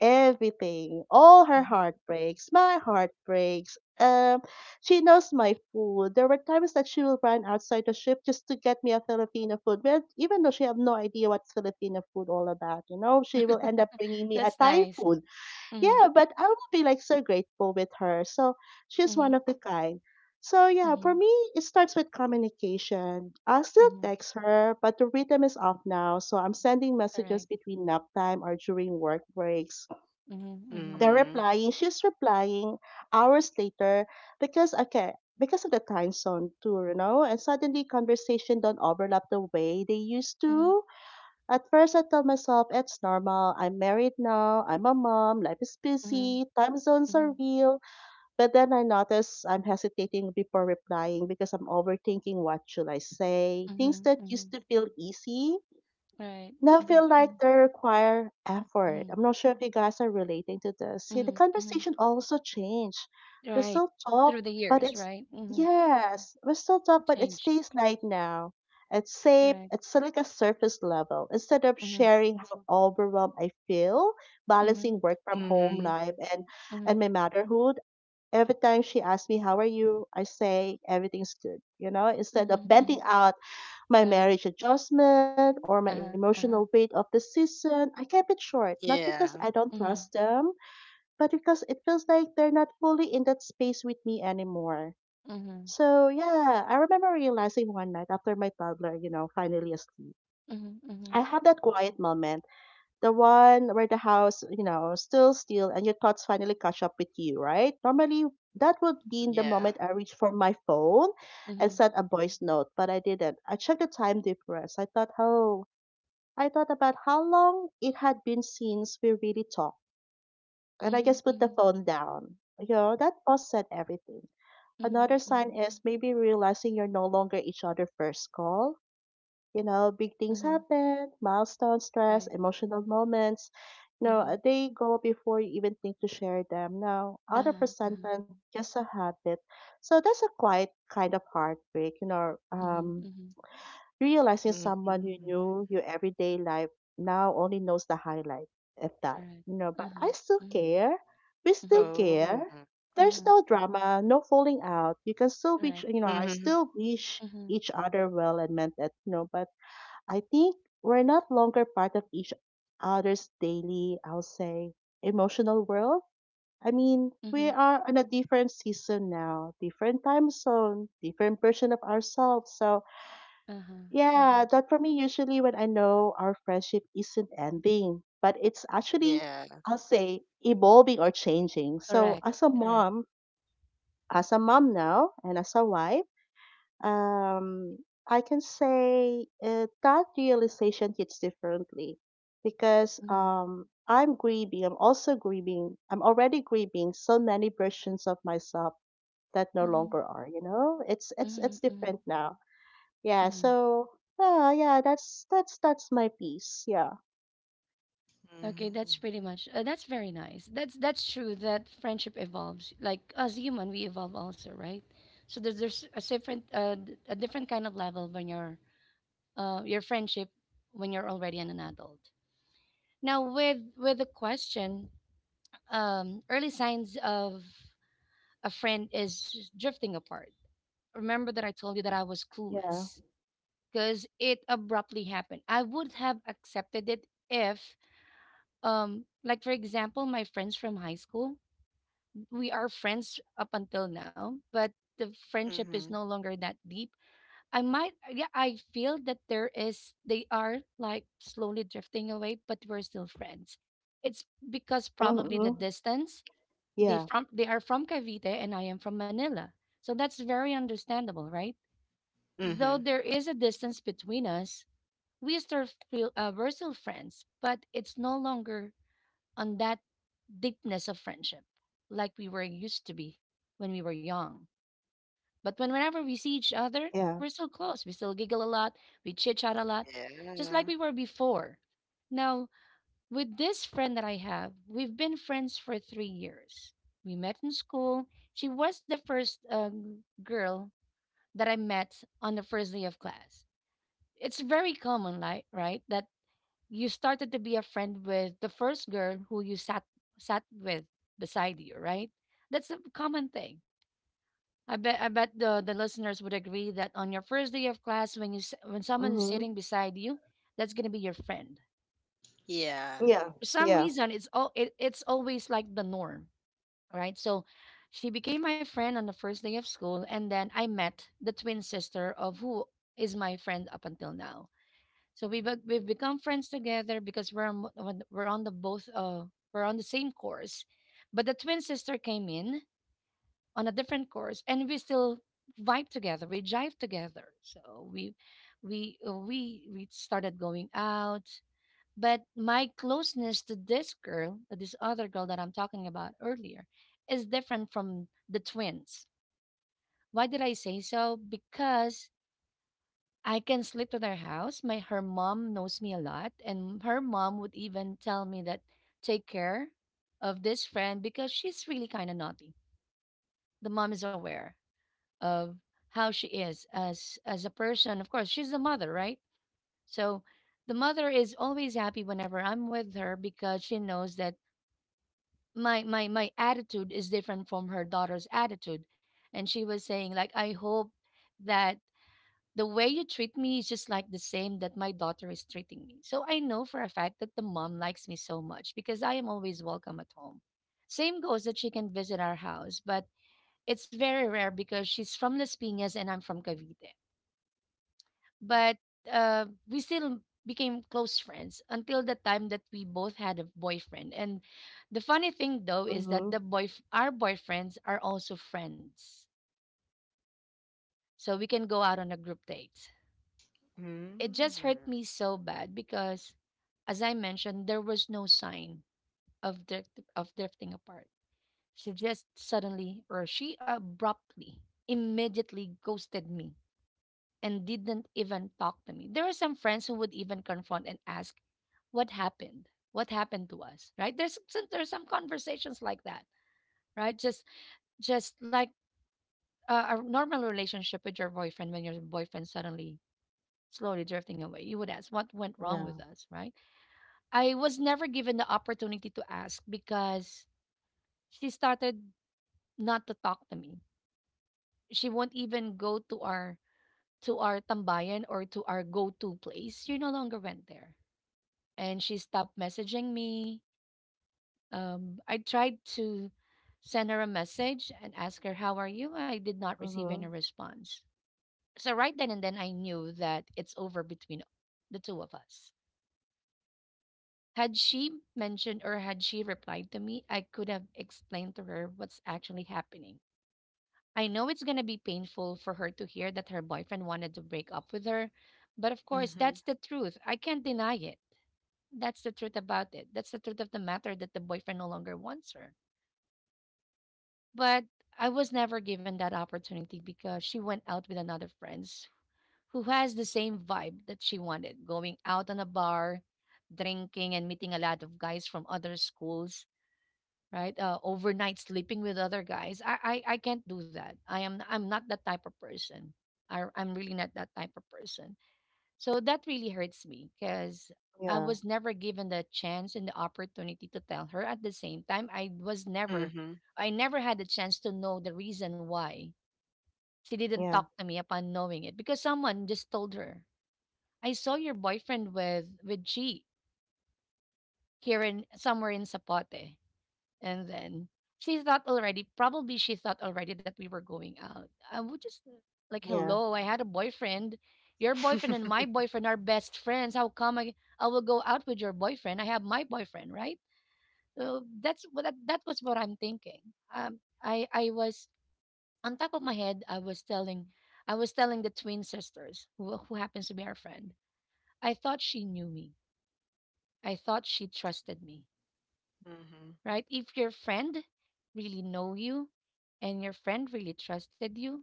Speaker 2: everything, all her
Speaker 1: Mm-hmm.
Speaker 2: heartbreaks, my heartbreaks. She knows my food. There were times that she will run outside the ship just to get me a Filipino food, well, even though she have no idea what Filipino food all about. You know, she will end up bringing me a
Speaker 1: That's
Speaker 2: Thai
Speaker 1: nice.
Speaker 2: food
Speaker 1: Mm-hmm.
Speaker 2: yeah, but I will be like so grateful with her. So she's
Speaker 1: Mm-hmm.
Speaker 2: one of the kind. So yeah,
Speaker 1: Mm-hmm.
Speaker 2: for me, it starts with communication. I still
Speaker 1: Mm-hmm.
Speaker 2: text her, but the rhythm is off now. So I'm sending messages
Speaker 1: Correct.
Speaker 2: between nap time or during work breaks.
Speaker 1: Mm-hmm. Mm-hmm.
Speaker 2: They're
Speaker 3: Mm-hmm.
Speaker 2: replying. She's replying hours later because okay, because of the time zone too, you know. And suddenly, conversation don't overlap the way they used
Speaker 1: Mm-hmm.
Speaker 2: to. At first, I told myself it's normal. I'm married now. I'm a mom. Life is
Speaker 1: Mm-hmm.
Speaker 2: busy. Time zones
Speaker 1: Mm-hmm.
Speaker 2: are real. But then I notice I'm hesitating before replying because I'm overthinking what should I say.
Speaker 1: Mm-hmm.
Speaker 2: Things that
Speaker 1: Mm-hmm.
Speaker 2: used to feel easy
Speaker 1: Right.
Speaker 2: now
Speaker 1: Mm-hmm.
Speaker 2: feel
Speaker 1: Mm-hmm.
Speaker 2: like they require effort.
Speaker 1: Mm-hmm.
Speaker 2: I'm not sure if you guys are relating to this. See, the
Speaker 1: Mm-hmm. Mm-hmm.
Speaker 2: conversation also changed. We
Speaker 1: Right.
Speaker 2: still talk,
Speaker 1: Through the
Speaker 2: but
Speaker 1: years,
Speaker 2: it's
Speaker 1: right? Mm-hmm.
Speaker 2: yes, we still talk, but it
Speaker 1: Changed.
Speaker 2: stays light now. It's safe.
Speaker 1: Correct.
Speaker 2: It's like a surface level. Instead of
Speaker 1: Mm-hmm.
Speaker 2: sharing how overwhelmed I feel,
Speaker 1: Mm-hmm.
Speaker 2: balancing work from home
Speaker 3: Mm-hmm.
Speaker 2: life and
Speaker 1: Mm-hmm.
Speaker 2: my motherhood, every time she asks me how are you, I say everything's good. Instead of
Speaker 1: Mm-hmm. Hmm.
Speaker 2: venting out my
Speaker 1: Right.
Speaker 2: marriage adjustment or my
Speaker 1: Uh-huh.
Speaker 2: emotional weight
Speaker 1: Uh-huh.
Speaker 2: of the season, I kept it short, not because I
Speaker 3: Yeah,
Speaker 2: don't trust
Speaker 1: Mm-hmm.
Speaker 2: them, but because it feels like they're not fully in that space with me anymore.
Speaker 1: Mm-hmm.
Speaker 2: So, yeah, I remember realizing one night after my toddler, finally asleep,
Speaker 1: Mm-hmm.
Speaker 2: I had that quiet moment, the one where the house, still and your thoughts finally catch up with you, right? Normally, that would be in the
Speaker 3: yeah.
Speaker 2: moment I reach for my phone
Speaker 1: Mm-hmm.
Speaker 2: and sent a voice note, but I didn't. I checked the time difference. I thought, oh, I thought about how long it had been since we really talked, and I
Speaker 1: Mm-hmm.
Speaker 2: just put the
Speaker 1: Mm-hmm.
Speaker 2: phone down. That pause said everything.
Speaker 1: Mm-hmm. Mm-hmm.
Speaker 2: Another
Speaker 1: Mm-hmm.
Speaker 2: sign is maybe realizing you're no longer each other first call. Big things
Speaker 1: Mm-hmm,
Speaker 2: happen, milestone stress,
Speaker 1: right.
Speaker 2: emotional moments. No,
Speaker 1: Mm-hmm.
Speaker 2: they go before you even think to share them. Now, out of
Speaker 1: Uh-huh. Uh-huh.
Speaker 2: resentment, just a habit. So that's a quiet kind of heartbreak.
Speaker 1: Mm-hmm. Mm-hmm.
Speaker 2: Realizing someone you
Speaker 3: Mm-hmm.
Speaker 2: knew your everyday life now only knows the highlight of that.
Speaker 1: Correct.
Speaker 2: But
Speaker 1: Uh-huh.
Speaker 2: I still
Speaker 1: Mm-hmm.
Speaker 2: care. We
Speaker 1: Mm-hmm.
Speaker 2: still
Speaker 3: Oh.
Speaker 2: care. There's
Speaker 1: Mm-hmm.
Speaker 2: no drama, no falling out. You can still
Speaker 1: Correct.
Speaker 2: wish, I
Speaker 3: Mhm.
Speaker 2: still wish
Speaker 1: Mm-hmm.
Speaker 2: each other well and meant that, but I think we're not longer part of each other's daily, I'll say, emotional world. I mean, we
Speaker 1: Mm-hmm.
Speaker 2: are in a different season now, different time zone, different version of ourselves. So
Speaker 1: Uh-huh. Uh-huh.
Speaker 2: yeah, that for me usually when I know our friendship isn't ending, but it's actually,
Speaker 3: Yeah.
Speaker 2: I'll say, evolving or changing. So as
Speaker 1: Correct.
Speaker 2: a
Speaker 1: Correct.
Speaker 2: mom, as a mom now, and as a wife, um, I can say that realization hits differently because
Speaker 1: Mm-hmm.
Speaker 2: I'm grieving. I'm also grieving. I'm already grieving so many versions of myself that no
Speaker 1: Mm-hmm.
Speaker 2: longer are. You know, it's it's
Speaker 1: Mm-hmm.
Speaker 2: it's
Speaker 1: Mm-hmm.
Speaker 2: different now. Yeah,
Speaker 1: Mm-hmm.
Speaker 2: so yeah, yeah, that's my piece. Yeah.
Speaker 1: Okay,
Speaker 3: Mhm.
Speaker 1: that's pretty much that's very nice. That's true that friendship evolves. Like, as human, we evolve also, right? So there's a different kind of level when you're your friendship when you're already an adult. Now, with the question, early signs of a friend is drifting apart. Remember that I told you that I was
Speaker 2: Yeah.
Speaker 1: clueless because it abruptly happened. I would have accepted it if, like, for example, my friends from high school, we are friends up until now, but the friendship is
Speaker 3: Mhm.
Speaker 1: no longer that deep. Yeah, I feel that they are like slowly drifting away, but we're still friends. It's because probably the
Speaker 2: Mm-hmm.
Speaker 1: distance. They
Speaker 2: Yeah.
Speaker 1: from they are from Cavite and I am from Manila, so that's very understandable, right? Though
Speaker 3: Mhm.
Speaker 1: there is a distance between us, we're still friends, but it's no longer on that deepness of friendship like we were used to be when we were young. But whenever we see each other,
Speaker 2: Yeah.
Speaker 1: we're so close. We still giggle a lot, we chit chat a lot, just
Speaker 3: Yeah.
Speaker 1: like we were before. Now, with this friend that I have, we've been friends for 3 years. We met in school. She was the first girl that I met on the first day of class. It's very common, like, right, that you started to be a friend with the first girl who you sat with beside you, right? That's a common thing. I bet the listeners would agree that on your first day of class, when someone is
Speaker 2: Mm-hmm.
Speaker 1: sitting beside you, that's gonna be your friend.
Speaker 3: Yeah.
Speaker 2: Yeah.
Speaker 1: For some
Speaker 2: Yeah.
Speaker 1: reason, it's always like the norm, right? So, she became my friend on the first day of school, and then I met the twin sister of who is my friend up until now. So we've become friends together because we're on- we're on the both we're on the same course, but the twin sister came in on a different course, and we still vibe together. We jive together. So we started going out. But my closeness to this girl, this other girl that I'm talking about earlier, is different from the twins. Why did I say so? Because I can sleep in her house. My her mom knows me a lot, and her mom would even tell me that take care of this friend because she's really kind of naughty. The mom is aware of how she is as a person. Of course, she's the mother, right? So the mother is always happy whenever I'm with her because she knows that my attitude is different from her daughter's attitude, and she was saying like I hope that the way you treat me is just like the same that my daughter is treating me. So I know for a fact that the mom likes me so much because I am always welcome at home. Same goes that she can visit our house, but it's very rare because she's from Las Piñas and I'm from Cavite. But we still became close friends until the time that we both had a boyfriend. And the funny thing though is that
Speaker 2: Mm-hmm.
Speaker 1: the boy our boyfriends are also friends. So we can go out on a group date. It just
Speaker 3: Mm.
Speaker 1: hurt me so bad because, as I mentioned, there was no sign of drifting apart. She just suddenly or She abruptly, immediately ghosted me and didn't even talk to me. There are some friends who would even confront and ask what happened, what happened to us, right? There's some conversations like that, right? Just like a normal relationship with your boyfriend, when your boyfriend suddenly slowly drifting away, you would ask what went wrong with
Speaker 2: Yeah.
Speaker 1: us, right? I was never given the opportunity to ask because she started not to talk to me. She won't even go to our tambayan or to our go-to place. She no longer went there. And she stopped messaging me. I tried to send her a message and ask her, how are you? I did not receive any
Speaker 2: Mm-hmm.
Speaker 1: response. So right then and then I knew that it's over between the two of us. Had she mentioned or had she replied to me, I could have explained to her what's actually happening. I know it's going to be painful for her to hear that her boyfriend wanted to break up with her, but of course,
Speaker 3: Mhm.
Speaker 1: that's the truth. I can't deny it. That's the truth about it. That's the truth of the matter, that the boyfriend no longer wants her. But I was never given that opportunity because she went out with another friends who has the same vibe that she wanted, going out on a bar, drinking and meeting a lot of guys from other schools, right? Overnight, sleeping with other guys. I can't do that. I'm not that type of person. I'm really not that type of person. So that really hurts me because I
Speaker 2: Yeah.
Speaker 1: was never given the chance and the opportunity to tell her. At the same time,
Speaker 3: Mhm.
Speaker 1: I never had the chance to know the reason why she didn't
Speaker 2: Yeah.
Speaker 1: talk to me upon knowing it because someone just told her. I saw your boyfriend with G here in somewhere in Sapote. And then she thought already, probably she thought already that we were going out. I would just like,
Speaker 2: Yeah.
Speaker 1: hello, I had a boyfriend. Your boyfriend and my boyfriend are best friends. How come I will go out with your boyfriend? I have my boyfriend, right? So that's what that was what I'm thinking. I was on top of my head. I was telling the twin sisters who happens to be our friend. I thought she knew me. I thought she trusted me,
Speaker 3: Mhm.
Speaker 1: right? If your friend really know you and your friend really trusted you,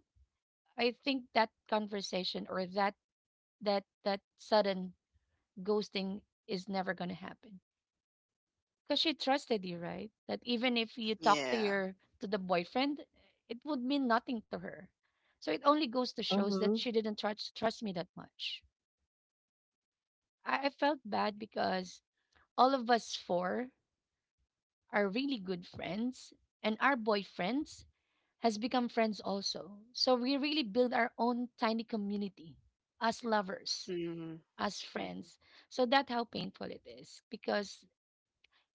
Speaker 1: I think that conversation or that sudden ghosting is never going to happen because she trusted you, right? That even if you talk to
Speaker 3: Yeah.
Speaker 1: your to the boyfriend, it would mean nothing to her. So it only goes to shows that
Speaker 2: Mm-hmm.
Speaker 1: she didn't trust me that much. I felt bad because all of us four are really good friends, and our boyfriends has become friends also. So we really build our own tiny community, as lovers,
Speaker 3: Mhm.
Speaker 1: as
Speaker 3: Mhm.
Speaker 1: friends. So that's how painful it is because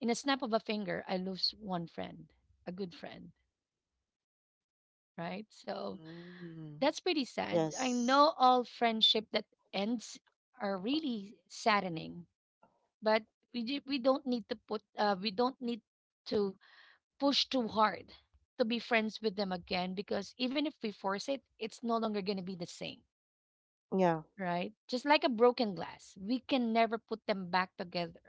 Speaker 1: in a snap of a finger, I lose one friend, a good friend, right? So
Speaker 3: Mhm.
Speaker 1: that's pretty sad. I
Speaker 2: Yes.
Speaker 1: know all friendship that ends are really saddening, but we don't need to push too hard to be friends with them again because even if we force it, it's no longer going to be the same,
Speaker 2: Yeah.
Speaker 1: right? Just like a broken glass, we can never put them back together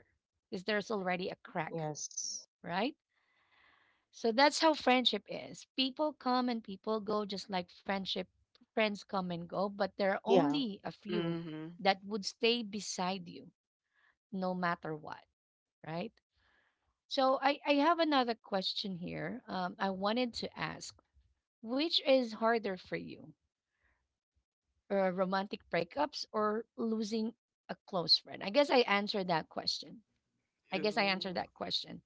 Speaker 1: because there's already a crack,
Speaker 2: Yes.
Speaker 1: right? So that's how friendship is. People come and people go, just like friendship, friends come and go, but there are
Speaker 2: Yeah.
Speaker 1: only a few
Speaker 3: Mhm.
Speaker 1: that would stay beside you no matter what, right? So I have another question here. I wanted to ask, which is harder for you, romantic breakups or losing a close friend? I guess I answered that question. I guess I
Speaker 3: Ooh.
Speaker 1: answered that question.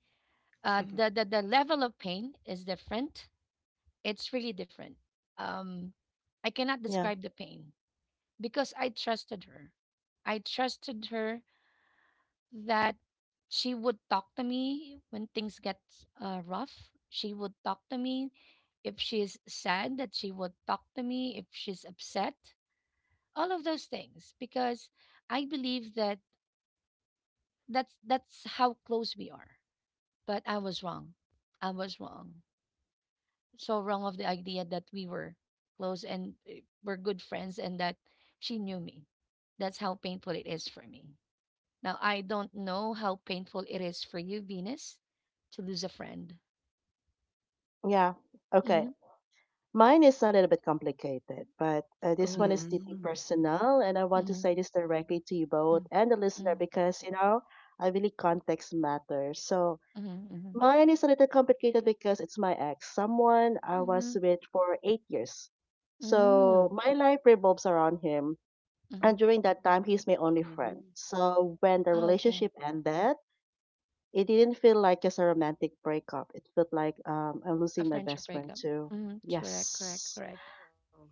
Speaker 1: Uh, the, the the level of pain is different. It's really different. Um, I cannot
Speaker 2: Yeah.
Speaker 1: describe the pain because I trusted her. I trusted her that she would talk to me when things get rough. She would talk to me if she's sad. That she would talk to me if she's upset. All of those things because I believe that that's how close we are. But I was wrong. I was wrong. So wrong of the idea that we were close and we good friends and that she knew me. That's how painful it is for me. Now, I don't know how painful it is for you, Venus, to lose a friend.
Speaker 2: Yeah. Okay.
Speaker 1: Mm-hmm.
Speaker 2: Mine is a little bit complicated, but this one
Speaker 1: Oh.
Speaker 2: is deeply
Speaker 3: Mhm.
Speaker 2: personal, and I want to
Speaker 1: Mm-hmm.
Speaker 2: say this directly to you
Speaker 1: Mm-hmm.
Speaker 2: both and the listener because, I really context matters. So,
Speaker 1: Mm-hmm.
Speaker 2: mine is a little complicated because it's my ex, someone I
Speaker 1: Mm-hmm.
Speaker 2: was with for 8 years. So my life revolves around him.
Speaker 1: Mm-hmm.
Speaker 2: And during that time, he's my only friend.
Speaker 3: Mhm.
Speaker 2: So when the
Speaker 1: Oh, okay.
Speaker 2: relationship ended, it didn't feel like just a romantic breakup. It felt like I'm
Speaker 1: A
Speaker 2: losing my
Speaker 1: friendship
Speaker 2: best friend
Speaker 1: breakup.
Speaker 2: too.
Speaker 1: Mm-hmm. Correct, correct,
Speaker 2: Yes.
Speaker 1: correct.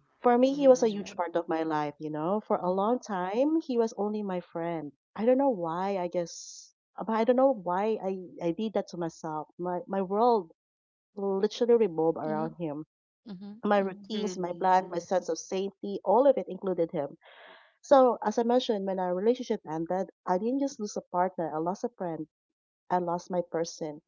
Speaker 3: Oh.
Speaker 2: For me, he
Speaker 3: Mhm.
Speaker 2: was a
Speaker 1: That's right.
Speaker 2: huge part of my life. For a
Speaker 1: Mm-hmm.
Speaker 2: long time, he was only my friend. I don't know why. I don't know why I did that to myself. My world literally revolved
Speaker 1: Mm-hmm.
Speaker 2: around him.
Speaker 1: Mm-hmm.
Speaker 2: My
Speaker 1: Mm-hmm.
Speaker 2: routines, my
Speaker 3: Mhm.
Speaker 2: plan, my sense of safety, all of it included him. So, as I mentioned, when our relationship ended, I didn't just lose a partner, I lost a friend, I lost my person.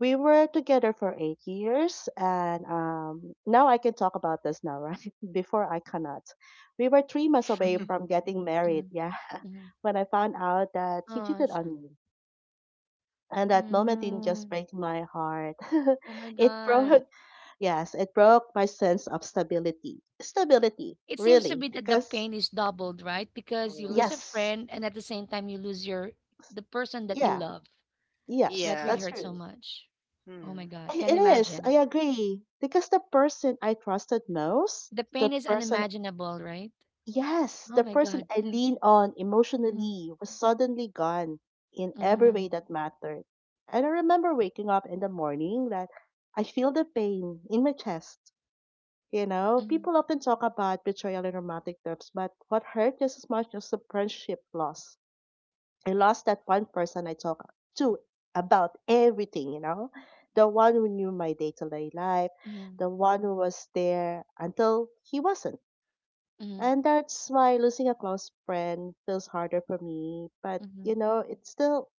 Speaker 2: We were together for 8 years, and now I can talk about this now, right? Before I cannot. We were 3 months away
Speaker 1: Mm-hmm.
Speaker 2: from getting married, yeah,
Speaker 1: Mm-hmm.
Speaker 2: when I found out that he
Speaker 1: Oh,
Speaker 2: cheated
Speaker 1: so,
Speaker 2: on me. And that moment didn't just
Speaker 1: mm.
Speaker 2: break my heart.
Speaker 1: Oh my
Speaker 2: It
Speaker 1: God.
Speaker 2: broke. Yes, it broke my sense of stability. Stability,
Speaker 1: It seems to be
Speaker 2: really,
Speaker 1: that the
Speaker 2: because
Speaker 1: pain is doubled, right? Because you
Speaker 3: Oh.
Speaker 1: lose a
Speaker 2: yes,
Speaker 1: friend and at the same time you lose your the person that you
Speaker 2: yeah,
Speaker 1: love.
Speaker 2: yes,
Speaker 1: That
Speaker 3: Yeah.
Speaker 1: really
Speaker 2: that's
Speaker 1: hurts so
Speaker 2: true.
Speaker 1: much. Oh my
Speaker 3: Mm.
Speaker 1: God.
Speaker 2: I-
Speaker 1: Can
Speaker 2: It is, I
Speaker 1: imagine.
Speaker 2: agree. Because the person I trusted most,
Speaker 1: The
Speaker 2: the
Speaker 1: pain is
Speaker 2: person,
Speaker 1: unimaginable, right?
Speaker 2: yes,
Speaker 1: Oh
Speaker 2: the
Speaker 1: my
Speaker 2: person
Speaker 1: God.
Speaker 2: I lean on
Speaker 1: Mhm,
Speaker 2: emotionally was suddenly gone in every way
Speaker 1: mhm,
Speaker 2: that mattered. And I remember waking up in the morning that I feel the pain in my chest. You know,
Speaker 1: mhm,
Speaker 2: people often talk about betrayal in romantic terms, but what hurt just as much was the friendship loss. I lost that one person I talk to about everything, the one who knew my day to day life,
Speaker 1: mhm,
Speaker 2: the one who was there until he wasn't.
Speaker 1: mhm,
Speaker 2: And that's why losing a close friend feels harder for me. But
Speaker 1: mhm,
Speaker 2: it's still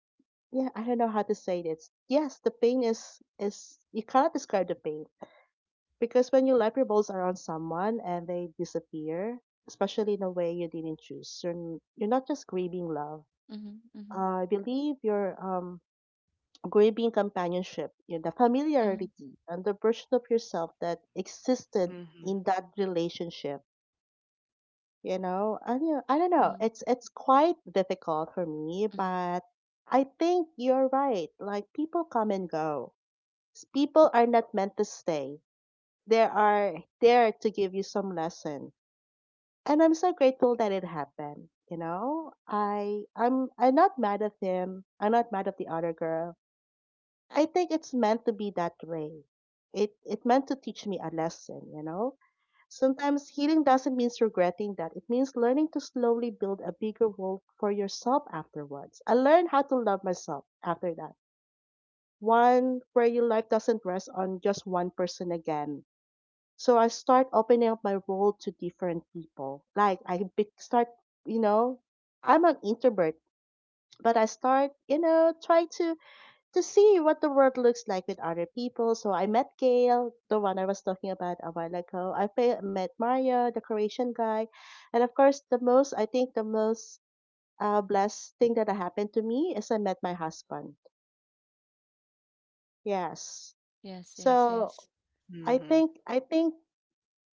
Speaker 2: yeah, I don't know how to say this. Yes, the pain is you cannot describe the pain. Because when you let your balls around someone and they disappear, especially in a way you didn't choose, you're not just grieving love.
Speaker 1: mhm, mhm,
Speaker 2: I believe you're grieving companionship, the
Speaker 1: mhm,
Speaker 2: familiarity and the version of yourself that existed
Speaker 3: Mhm.
Speaker 2: in that relationship. I don't know.
Speaker 1: mhm,
Speaker 2: It's quite difficult for me,
Speaker 1: mhm.
Speaker 2: but I think you're right. Like people come and go. People are not meant to stay. They are there to give you some lesson and I'm so grateful that it happened. I'm not mad at him. I'm not mad at the other girl. I think it's meant to be that way. It meant to teach me a lesson. Sometimes healing doesn't mean regretting that. It means learning to slowly build a bigger world for yourself afterwards. I learned how to love myself after that. One where your life doesn't rest on just one person again, so I start opening up my role to different people. Like I start, you know, I'm an introvert, but I start, try to see what the world looks like with other people. So I met Gail, the one I was talking about a while ago. I met Mario, the Croatian guy, and of course, the most I think the most blessed thing that happened to me is I met my husband. Yes.
Speaker 1: Yes, yes,
Speaker 2: So
Speaker 1: yes.
Speaker 2: I
Speaker 3: Mhm.
Speaker 2: think I think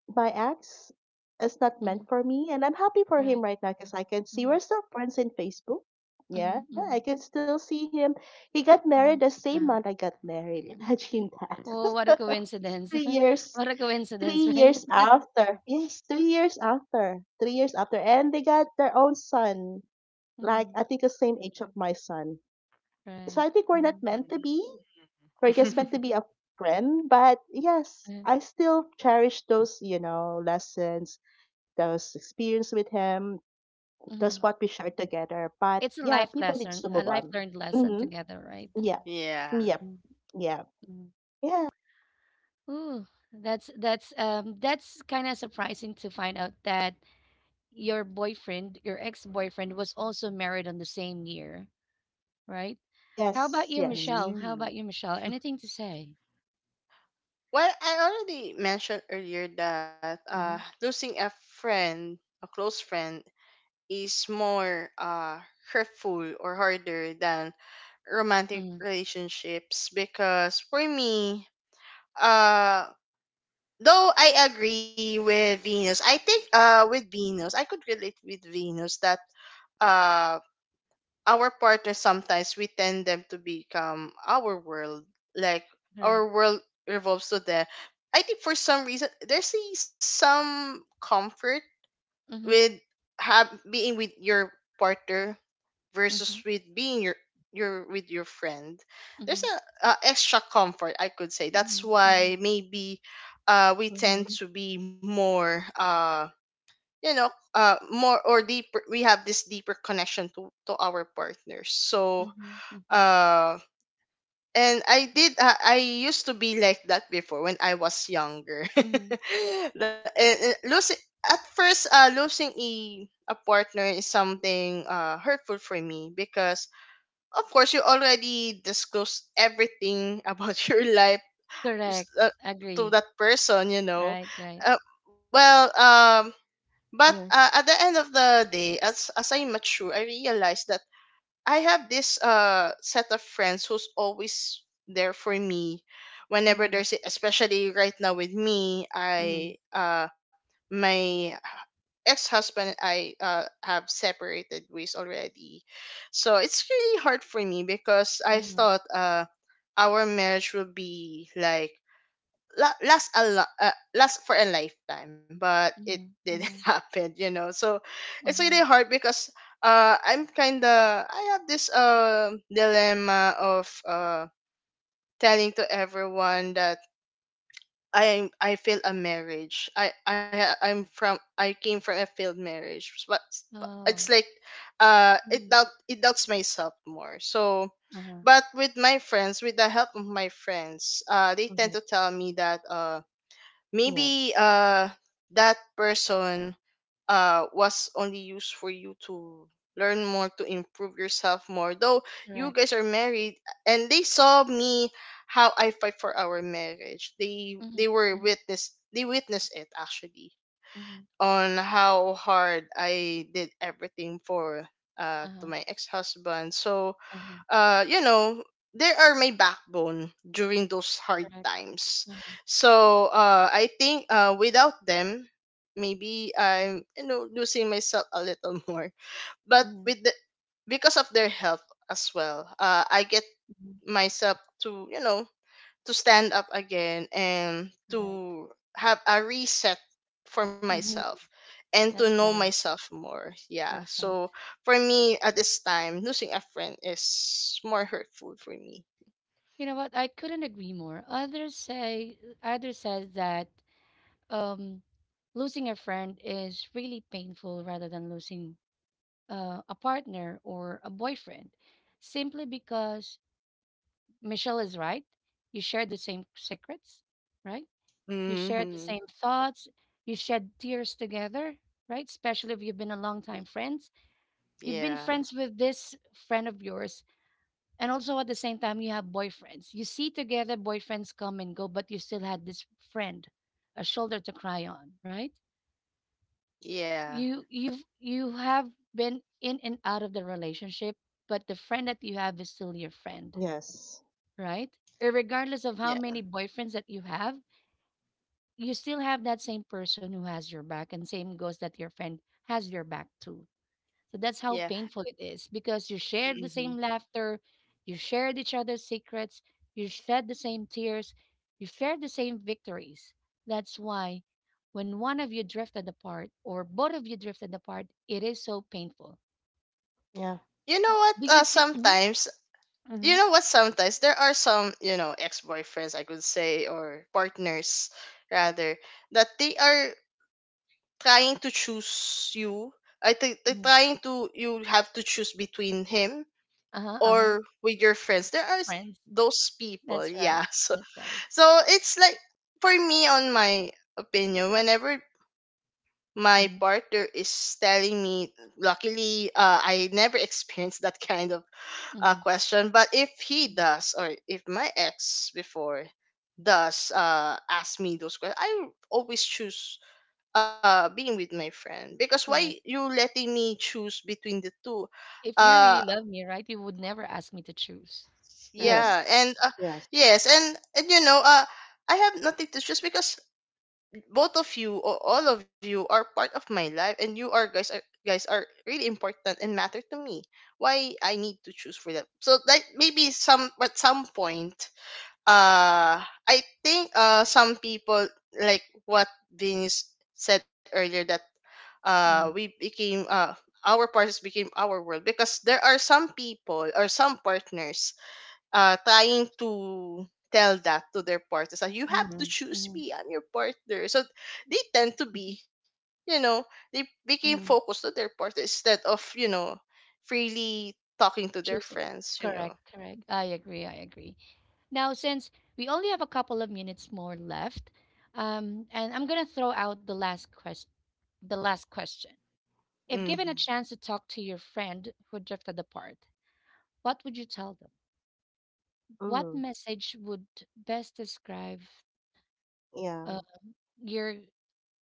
Speaker 2: my ex is not
Speaker 1: Mhm.
Speaker 2: meant for me, and I'm happy for
Speaker 1: Right.
Speaker 2: him right now because I can see
Speaker 1: Mhm,
Speaker 2: we're still friends in Facebook. Yeah,
Speaker 1: mhm,
Speaker 2: I
Speaker 1: mhm,
Speaker 2: can still see him. He got married
Speaker 1: mhm.
Speaker 2: the same
Speaker 1: Uh-huh.
Speaker 2: month I got married, imagine
Speaker 1: Oh, what a
Speaker 2: that.
Speaker 1: coincidence.
Speaker 2: three years
Speaker 1: What a coincidence,
Speaker 2: three
Speaker 1: right?
Speaker 2: years after. Yes, 3 years after, 3 years after, and they got their own son, like
Speaker 1: Mhm.
Speaker 2: I think the same age of my son. So
Speaker 1: Right.
Speaker 2: I think we're not
Speaker 1: Mhm.
Speaker 2: meant to be. We're just
Speaker 3: Mhm.
Speaker 2: meant
Speaker 1: Mm-hmm.
Speaker 2: to be a friend. But yes,
Speaker 1: Mm-hmm.
Speaker 2: I still cherish those lessons, those experience with him, those
Speaker 1: Hmm.
Speaker 2: what we shared together. But
Speaker 1: It's a
Speaker 2: yeah,
Speaker 1: life
Speaker 2: people needs
Speaker 1: lesson,
Speaker 2: to
Speaker 1: a
Speaker 2: move
Speaker 1: life
Speaker 2: on.
Speaker 1: learned lesson
Speaker 2: Mm-hmm.
Speaker 1: together, right?
Speaker 2: Yeah.
Speaker 3: Yeah.
Speaker 2: Yep. Yeah.
Speaker 1: Mm-hmm.
Speaker 2: Yeah.
Speaker 1: Ooh, that's kind of surprising to find out that your boyfriend, your ex-boyfriend, was also married on the same year, right? How about
Speaker 2: Yes.
Speaker 1: you,
Speaker 2: Yes.
Speaker 1: Michelle? How about you, Michelle? Anything to say?
Speaker 3: Well, I already mentioned earlier that
Speaker 1: Mm-hmm.
Speaker 3: losing a friend, a close friend, is more hurtful or harder than romantic
Speaker 1: Mm-hmm.
Speaker 3: relationships. Because for me, uh, though I agree with Venus, I think with Venus, I could relate with Venus that uh, our partners, sometimes we tend them to become our world, like our
Speaker 1: Correct.
Speaker 3: world revolves to them. I think for some reason there's a, some comfort
Speaker 1: Mm-hmm.
Speaker 3: with have being with your partner
Speaker 1: Mm-hmm.
Speaker 3: versus with being your with your friend. There's
Speaker 1: Mm-hmm.
Speaker 3: a extra comfort, I could say. That's
Speaker 1: Mm-hmm. Mm-hmm.
Speaker 3: why maybe we tend
Speaker 2: Mm-hmm.
Speaker 3: to be more you know, more or deeper, we have this deeper connection to our partners. So
Speaker 1: Mm-hmm. Mm-hmm.
Speaker 3: uh and I did I used to be like that before when I was younger.
Speaker 1: Mm-hmm.
Speaker 3: Losing at first, losing a partner is something hurtful for me because of course you already disclosed everything about your life, s-
Speaker 1: Correct.
Speaker 3: uh, to
Speaker 1: Agree.
Speaker 3: that person, you know.
Speaker 1: Right. Right.
Speaker 3: uh, well, but
Speaker 2: Yes.
Speaker 3: at the end of the day, as I mature, I realize that I have this set of friends who's always there for me whenever
Speaker 1: Mm-hmm.
Speaker 3: there's, especially right now with me, I
Speaker 1: Mm-hmm.
Speaker 3: my ex-husband and I have separated ways already. So it's really hard for me because I
Speaker 1: Mm-hmm.
Speaker 3: thought our marriage will be like last for a lifetime, but it
Speaker 1: Mm-hmm.
Speaker 3: didn't
Speaker 1: Mm-hmm.
Speaker 3: happen, you know. So it's really
Speaker 1: Uh-huh.
Speaker 3: hard because I'm kind of, I have this dilemma of telling to everyone that I failed a marriage. I'm from, I came from a failed marriage, but it's
Speaker 1: Oh.
Speaker 3: like
Speaker 1: Mhm.
Speaker 3: it doubts myself more. So
Speaker 1: Uh-huh.
Speaker 3: but with my friends, with the help of my friends, they tend
Speaker 2: Mm-hmm.
Speaker 3: to tell me that
Speaker 2: Yeah.
Speaker 3: maybe that person was only used for you to learn more, to improve yourself more, though
Speaker 1: Correct.
Speaker 3: you guys are married. And they saw me how I fight for our marriage. they
Speaker 1: Mhm.
Speaker 3: they were
Speaker 1: Mhm.
Speaker 3: witness, they witnessed it actually,
Speaker 1: Mhm.
Speaker 3: on how hard I did everything for to
Speaker 1: Uh-huh.
Speaker 3: my ex-husband. So
Speaker 1: Uh-huh.
Speaker 3: you know, they are my backbone during those hard
Speaker 1: Correct.
Speaker 3: times.
Speaker 1: Uh-huh.
Speaker 3: So I think without them, maybe I'm, you know, losing myself a little more. But
Speaker 1: Mhm.
Speaker 3: with the, because of their help as well, I get
Speaker 1: Mhm.
Speaker 3: myself to, you know, to stand up again and
Speaker 1: Correct.
Speaker 3: to have a reset for
Speaker 1: Mhm.
Speaker 3: myself and to
Speaker 1: That's
Speaker 3: know
Speaker 1: better.
Speaker 3: myself more. Yeah. So
Speaker 1: Perfect.
Speaker 3: for me at this time, losing a friend is more hurtful for me.
Speaker 1: You know what? I couldn't agree more. Others says that um, losing a friend is really painful rather than losing a partner or a boyfriend, simply because Michelle is right. You share the same secrets, right? You shared the
Speaker 3: Mm-hmm.
Speaker 1: same thoughts. You shed tears together, right? Especially if you've been a longtime friends. You've been
Speaker 3: Yeah.
Speaker 1: friends with this friend of yours. And also at the same time, you have boyfriends. You see together boyfriends come and go, but you still had this friend, a shoulder to cry on, right?
Speaker 3: Yeah.
Speaker 1: You have been in and out of the relationship, but the friend that you have is still your friend,
Speaker 2: Yes.
Speaker 1: right? Regardless of how
Speaker 3: Yeah.
Speaker 1: many boyfriends that you have, you still have that same person who has your back, and same goes that your friend has your back too. So that's how
Speaker 3: Yeah.
Speaker 1: painful it is because you shared the
Speaker 3: Hmm.
Speaker 1: same laughter, you shared each other's secrets, you shed the same tears, you shared the same victories. That's why, when one of you drifted apart or both of you drifted apart, it is so painful.
Speaker 2: Yeah.
Speaker 3: You know what?
Speaker 1: Do you think? Mhm,
Speaker 3: Sometimes, you
Speaker 1: mhm,
Speaker 3: know what, sometimes there are some, you know, ex boyfriends, I could say, or partners rather, that they are trying to choose you. I think they're
Speaker 1: mhm.
Speaker 3: trying to, you have to choose between him
Speaker 1: Uh-huh, uh-huh.
Speaker 3: or with your friends. There are
Speaker 1: Friends.
Speaker 3: those people,
Speaker 1: That's
Speaker 3: yeah.
Speaker 1: right.
Speaker 3: So
Speaker 1: That's right.
Speaker 3: so it's like for me, on my opinion, whenever my
Speaker 1: Mm-hmm.
Speaker 3: partner is telling me, luckily I never experienced that kind of
Speaker 1: Mm-hmm.
Speaker 3: question. But if he does, or if my ex before does ask me those questions, I always choose being with my friend, because why
Speaker 1: Correct.
Speaker 3: you letting me choose between the two?
Speaker 1: If you
Speaker 3: uh
Speaker 1: really love me, right, you would never ask me to choose, right?
Speaker 2: Yes.
Speaker 3: yeah, and
Speaker 2: Yes.
Speaker 3: yes, and you know, I have nothing to choose, because both of you or all of you are part of my life, and you are guys are guys are really important and matter to me. Why I need to choose for them? So that maybe some, at some point, I think some people, like what Vince said earlier, that we
Speaker 1: Hmm.
Speaker 3: became our partners became our world, because there are some people or some partners trying to tell that to their partners, that you have to
Speaker 1: Hmm.
Speaker 3: choose
Speaker 1: Hmm.
Speaker 3: me, I'm your partner. So they tend to be, you know, they became
Speaker 1: Hmm.
Speaker 3: focused to their partner instead of, you know, freely talking to their
Speaker 1: Choosing.
Speaker 3: friends, you know.
Speaker 1: Correct, correct. I agree, I agree. Now, since we only have a couple of minutes more left, and I'm gonna throw out the last question. The last question: if given a
Speaker 3: Mm-hmm.
Speaker 1: chance to talk to your friend who drifted apart, what would you tell them? What
Speaker 2: Mm.
Speaker 1: message would best describe
Speaker 2: Yeah.
Speaker 1: uh, your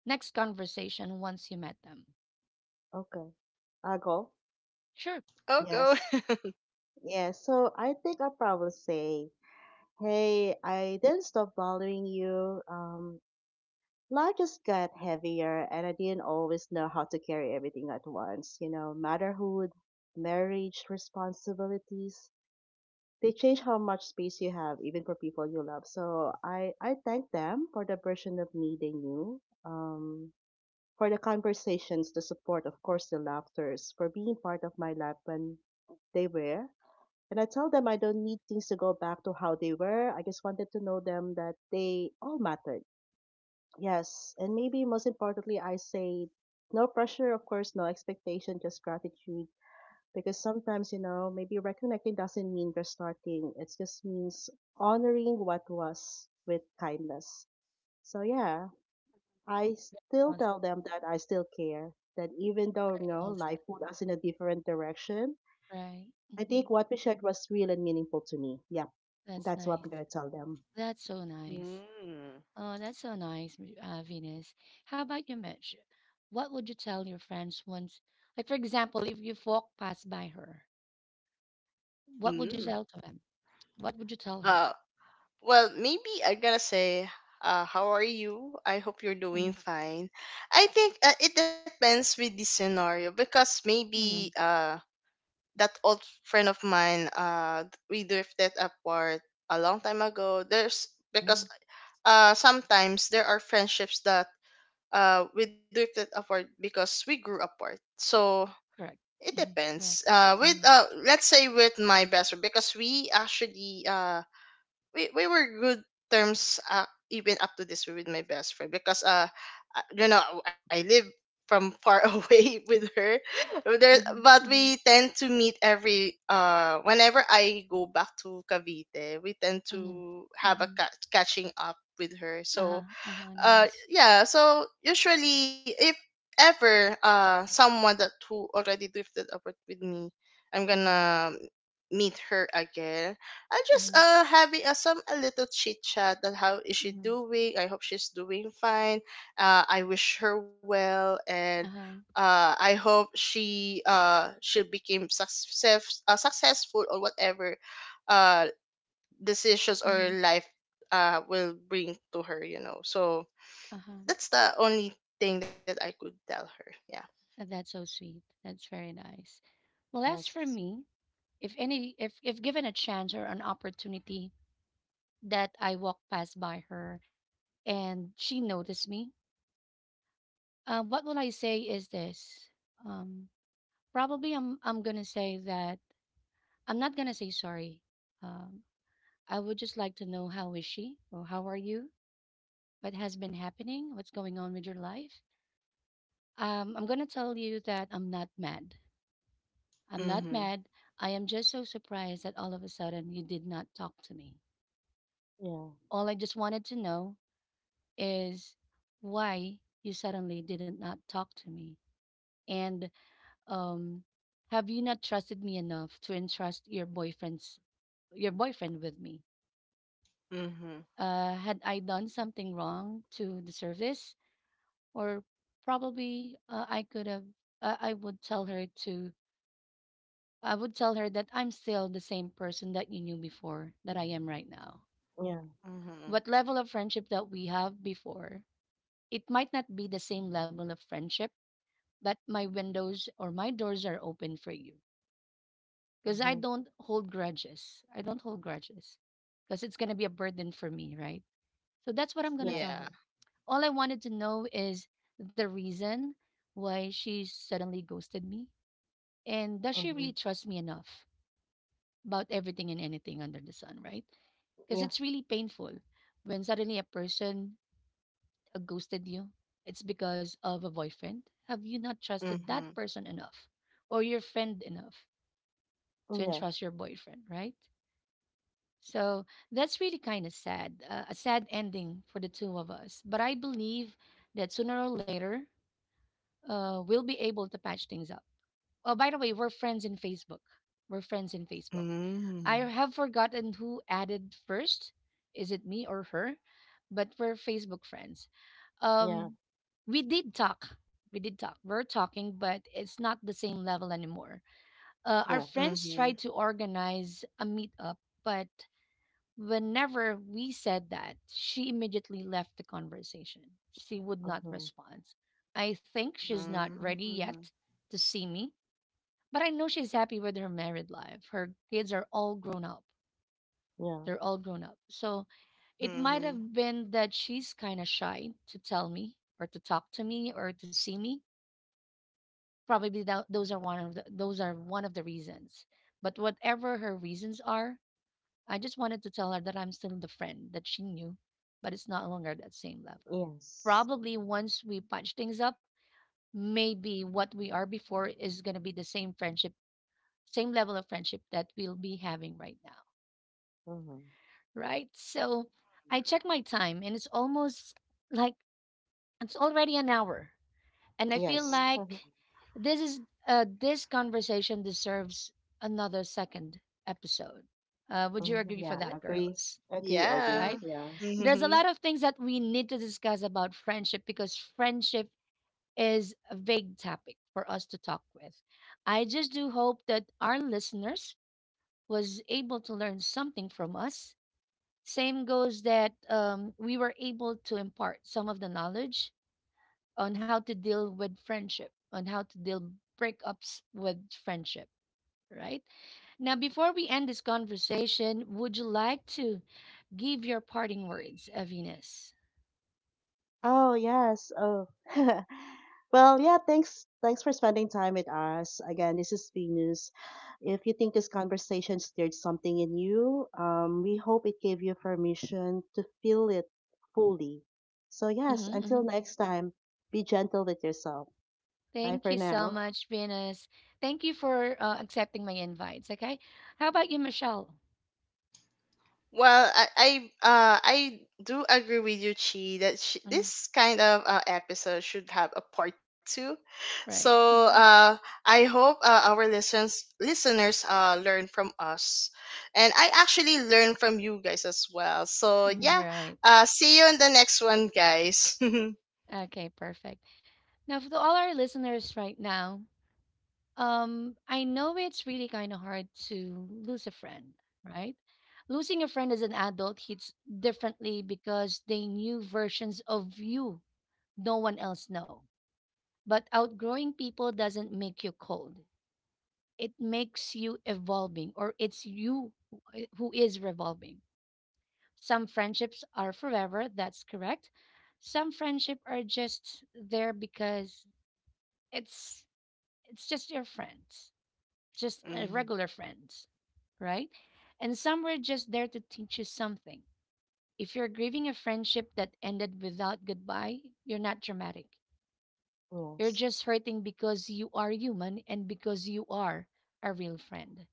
Speaker 1: next conversation once you met them?
Speaker 2: Okay. I'll go.
Speaker 1: Sure.
Speaker 3: Oh, go.
Speaker 2: Yes. Yeah. So I think I'll probably say, Hey, I didn't stop bothering you. Life just got heavier and I didn't always know how to carry everything at once. Motherhood, marriage, responsibilities, they change how much space you have, even for people you love. So I thank them for the version of me they knew, for the conversations, the support, of course, the laughters, for being part of my life when they were. And I tell them I don't need things to go back to how they were. I just wanted to know them that they all mattered. Yes, and maybe most importantly, I say no pressure, of course, no expectation, just gratitude. Because sometimes, maybe reconnecting doesn't mean restarting, it just means honoring what was with kindness. So, yeah, I still tell them that I still care, that even though,
Speaker 1: Well said,
Speaker 2: life put us in a different direction,
Speaker 1: right?
Speaker 2: I
Speaker 1: Hmm.
Speaker 2: think what we shared was real and meaningful to me. Yeah,
Speaker 1: That's
Speaker 2: that's what
Speaker 1: nice.
Speaker 2: I'm going to tell them.
Speaker 1: That's so nice.
Speaker 3: Mm.
Speaker 1: Oh, that's so nice, Venus. How about you, Mitch? What would you tell your friends once, like for example, if you walk past by her, what would you
Speaker 3: Mm.
Speaker 1: tell to them? What would you tell her?
Speaker 3: Uh, well, maybe I gotta say, how are you? I hope you're doing fine. I think it depends with the scenario, because maybe
Speaker 1: Mm-hmm.
Speaker 3: that old friend of mine, we drifted apart a long time ago. There's, because
Speaker 1: Hmm.
Speaker 3: sometimes there are friendships that we drifted apart because we grew apart. So
Speaker 1: Correct.
Speaker 3: it
Speaker 1: Hmm.
Speaker 3: depends.
Speaker 1: Correct.
Speaker 3: With
Speaker 1: Mm-hmm.
Speaker 3: let's say with my best friend, because we actually we were good terms even up to this with my best friend, because you know, I live from far away with her there, but we
Speaker 1: Mm-hmm.
Speaker 3: tend to meet every, whenever I go back to Cavite, we tend
Speaker 1: Mm-hmm.
Speaker 3: to have a
Speaker 1: Mm-hmm.
Speaker 3: catching up with her.
Speaker 1: Uh-huh.
Speaker 3: So
Speaker 1: Uh-huh. Nice.
Speaker 3: yeah, so usually if ever someone that who already drifted apart with me, I'm
Speaker 1: Hmm.
Speaker 3: gonna meet her again, I just
Speaker 1: Hmm.
Speaker 3: having a, some a little chit chat, that how is she
Speaker 1: Hmm.
Speaker 3: doing, I hope she's doing fine, I wish her well, and
Speaker 1: Uh-huh.
Speaker 3: I hope she became successful, or whatever uh decisions or
Speaker 1: Mm-hmm.
Speaker 3: life will bring to her, you know. So
Speaker 1: Uh-huh.
Speaker 3: that's the only thing that I could tell her. Yeah.
Speaker 1: That's so sweet. That's very nice. Well, as for
Speaker 2: Yes.
Speaker 1: me, if any if given a chance or an opportunity that I walk past by her and she noticed me, what will I say is this? Um, Probably I'm gonna say that I'm not gonna say sorry. Um, I would just like to know, how is she or how are you? What has been happening? What's going on with your life? I'm gonna tell you that I'm not mad. I'm not
Speaker 3: Mm-hmm.
Speaker 1: mad. I am just so surprised that all of a sudden you did not talk to me.
Speaker 2: Yeah.
Speaker 1: All I just wanted to know is why you suddenly didn't not talk to me, and um have you not trusted me enough to entrust your boyfriend with me?
Speaker 3: Mm-hmm.
Speaker 1: Had I done something wrong to deserve this? Or probably I could have uh, i would tell her to I would tell her that I'm still the same person that you knew before that I am right now.
Speaker 2: Yeah.
Speaker 3: Mm-hmm.
Speaker 1: What level of friendship that we have before, it might not be the same level of friendship, but my windows or my doors are open for you because I
Speaker 2: Hmm.
Speaker 1: don't hold grudges. I don't hold grudges because it's going to be a burden for me, right? So that's what I'm going to
Speaker 2: Yeah.
Speaker 1: tell
Speaker 3: Yeah.
Speaker 1: her. All I wanted to know is the reason why she suddenly ghosted me. And does she really
Speaker 2: Hmm.
Speaker 1: trust me enough about everything and anything under the sun, right? Because
Speaker 2: Yeah.
Speaker 1: it's really painful when suddenly a person ghosted you, it's because of a boyfriend? Have you not trusted
Speaker 3: Mm-hmm.
Speaker 1: that person enough or your friend enough to
Speaker 2: Mm, yeah.
Speaker 1: entrust your boyfriend, right? So that's really kind of sad, a sad ending for the two of us. But I believe that sooner or later, we'll be able to patch things up. Oh, by the way, we're friends in Facebook. We're friends in Facebook. I
Speaker 3: Mm-hmm.
Speaker 1: have forgotten who added first. Is it me or her? But we're Facebook friends.
Speaker 2: Yeah,
Speaker 1: um we did talk we did talk, we're talking, but it's not the same level anymore. Our
Speaker 2: yeah,
Speaker 1: friends
Speaker 3: Mm-hmm.
Speaker 1: tried to organize a meetup, but whenever we said that, she immediately left the conversation. She would not
Speaker 2: mm-hmm,
Speaker 1: respond. I think she's not ready
Speaker 3: Mm-hmm.
Speaker 1: yet to see me, but I know she's happy with her married life. Her kids are all grown up.
Speaker 2: yeah,
Speaker 1: They're all grown up. So it might
Speaker 3: Mm-hmm.
Speaker 1: have been that she's kind of shy to tell me or to talk to me or to see me. Probably that, those are one of the reasons. But whatever her reasons are, I just wanted to tell her that I'm still the friend that she knew, but it's not longer at that same level.
Speaker 2: yes,
Speaker 1: Probably once we patch things up, maybe what we are before is going to be the same friendship, same level of friendship that we'll be having right now,
Speaker 2: mm-hmm,
Speaker 1: right? So I check my time and it's almost like it's already an hour, and I feel
Speaker 2: yes,
Speaker 3: Mm.
Speaker 1: like this is this conversation deserves another second episode. Would you
Speaker 2: mm-hmm,
Speaker 1: agree for
Speaker 2: yeah,
Speaker 1: that,
Speaker 2: agree,
Speaker 1: girls?
Speaker 2: agree, agree,
Speaker 3: Yeah.
Speaker 1: Right?
Speaker 2: yes.
Speaker 1: There's a
Speaker 3: Mm-hmm.
Speaker 1: lot of things that we need to discuss about friendship, because friendship is a vague topic for us to talk with. I just do hope that our listeners was able to learn something from us. Same goes that we were able to impart some of the knowledge on how to deal with friendship, on how to deal breakups with friendship, right? Now, before we end this conversation, would you like to give your parting words, Venus?
Speaker 2: Oh, yes, oh. Well, yeah, thanks for spending time with us. Again, this is Venus. If you think this conversation stirred something in you, we hope it gave you permission to feel it fully. So, yes,
Speaker 1: Mm-hmm. Hmm.
Speaker 2: until next time, be gentle with yourself. Bye
Speaker 1: Thank you
Speaker 2: for
Speaker 1: so
Speaker 2: now.
Speaker 1: much, Venus. Thank you for accepting my invites. Okay, how about you, Michelle?
Speaker 3: Well, I do agree with you, Chi, that
Speaker 1: Mm.
Speaker 3: this kind of episode should have a part two.
Speaker 1: Right.
Speaker 3: So
Speaker 1: Hmm.
Speaker 3: I hope our listeners learn from us, and I actually learn from you guys as well. So yeah,
Speaker 1: Right.
Speaker 3: see you in the next one, guys.
Speaker 1: Okay, perfect. Now, for all our listeners right now, I know it's really kind of hard to lose a friend, right? Losing a friend as an adult hits differently because they knew versions of you no one else know. But outgrowing people doesn't make you cold. It makes you evolving, or it's you who is revolving. Some friendships are forever, that's correct. Some friendship are just there because it's it's just your friends, just a
Speaker 3: Mhm.
Speaker 1: regular friend. Right? And some were just there to teach you something. If you're grieving a friendship that ended without goodbye, you're not dramatic. You're
Speaker 2: Yes,
Speaker 1: just hurting because you are human and because you are a real friend.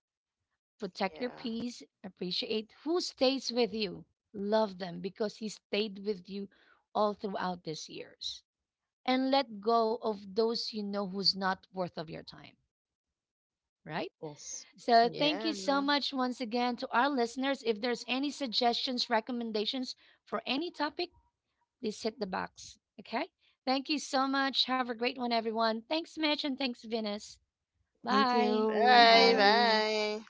Speaker 1: Protect your
Speaker 3: Yeah,
Speaker 1: peace, appreciate who stays with you, love them because he stayed with you all throughout these years. And let go of those you know who's not worth of your time, right?
Speaker 2: yes.
Speaker 1: So
Speaker 2: Mm-hmm.
Speaker 1: thank you
Speaker 3: yeah.
Speaker 1: so much once again to our listeners. If there's any suggestions, recommendations for any topic, please hit the box. Okay? Thank you so much. Have a great one, everyone. Thanks, Mitch, and thanks, Venus.
Speaker 2: Thank
Speaker 1: Bye.
Speaker 2: you.
Speaker 1: Thank
Speaker 3: Bye,
Speaker 1: you.
Speaker 2: Bye.
Speaker 3: bye.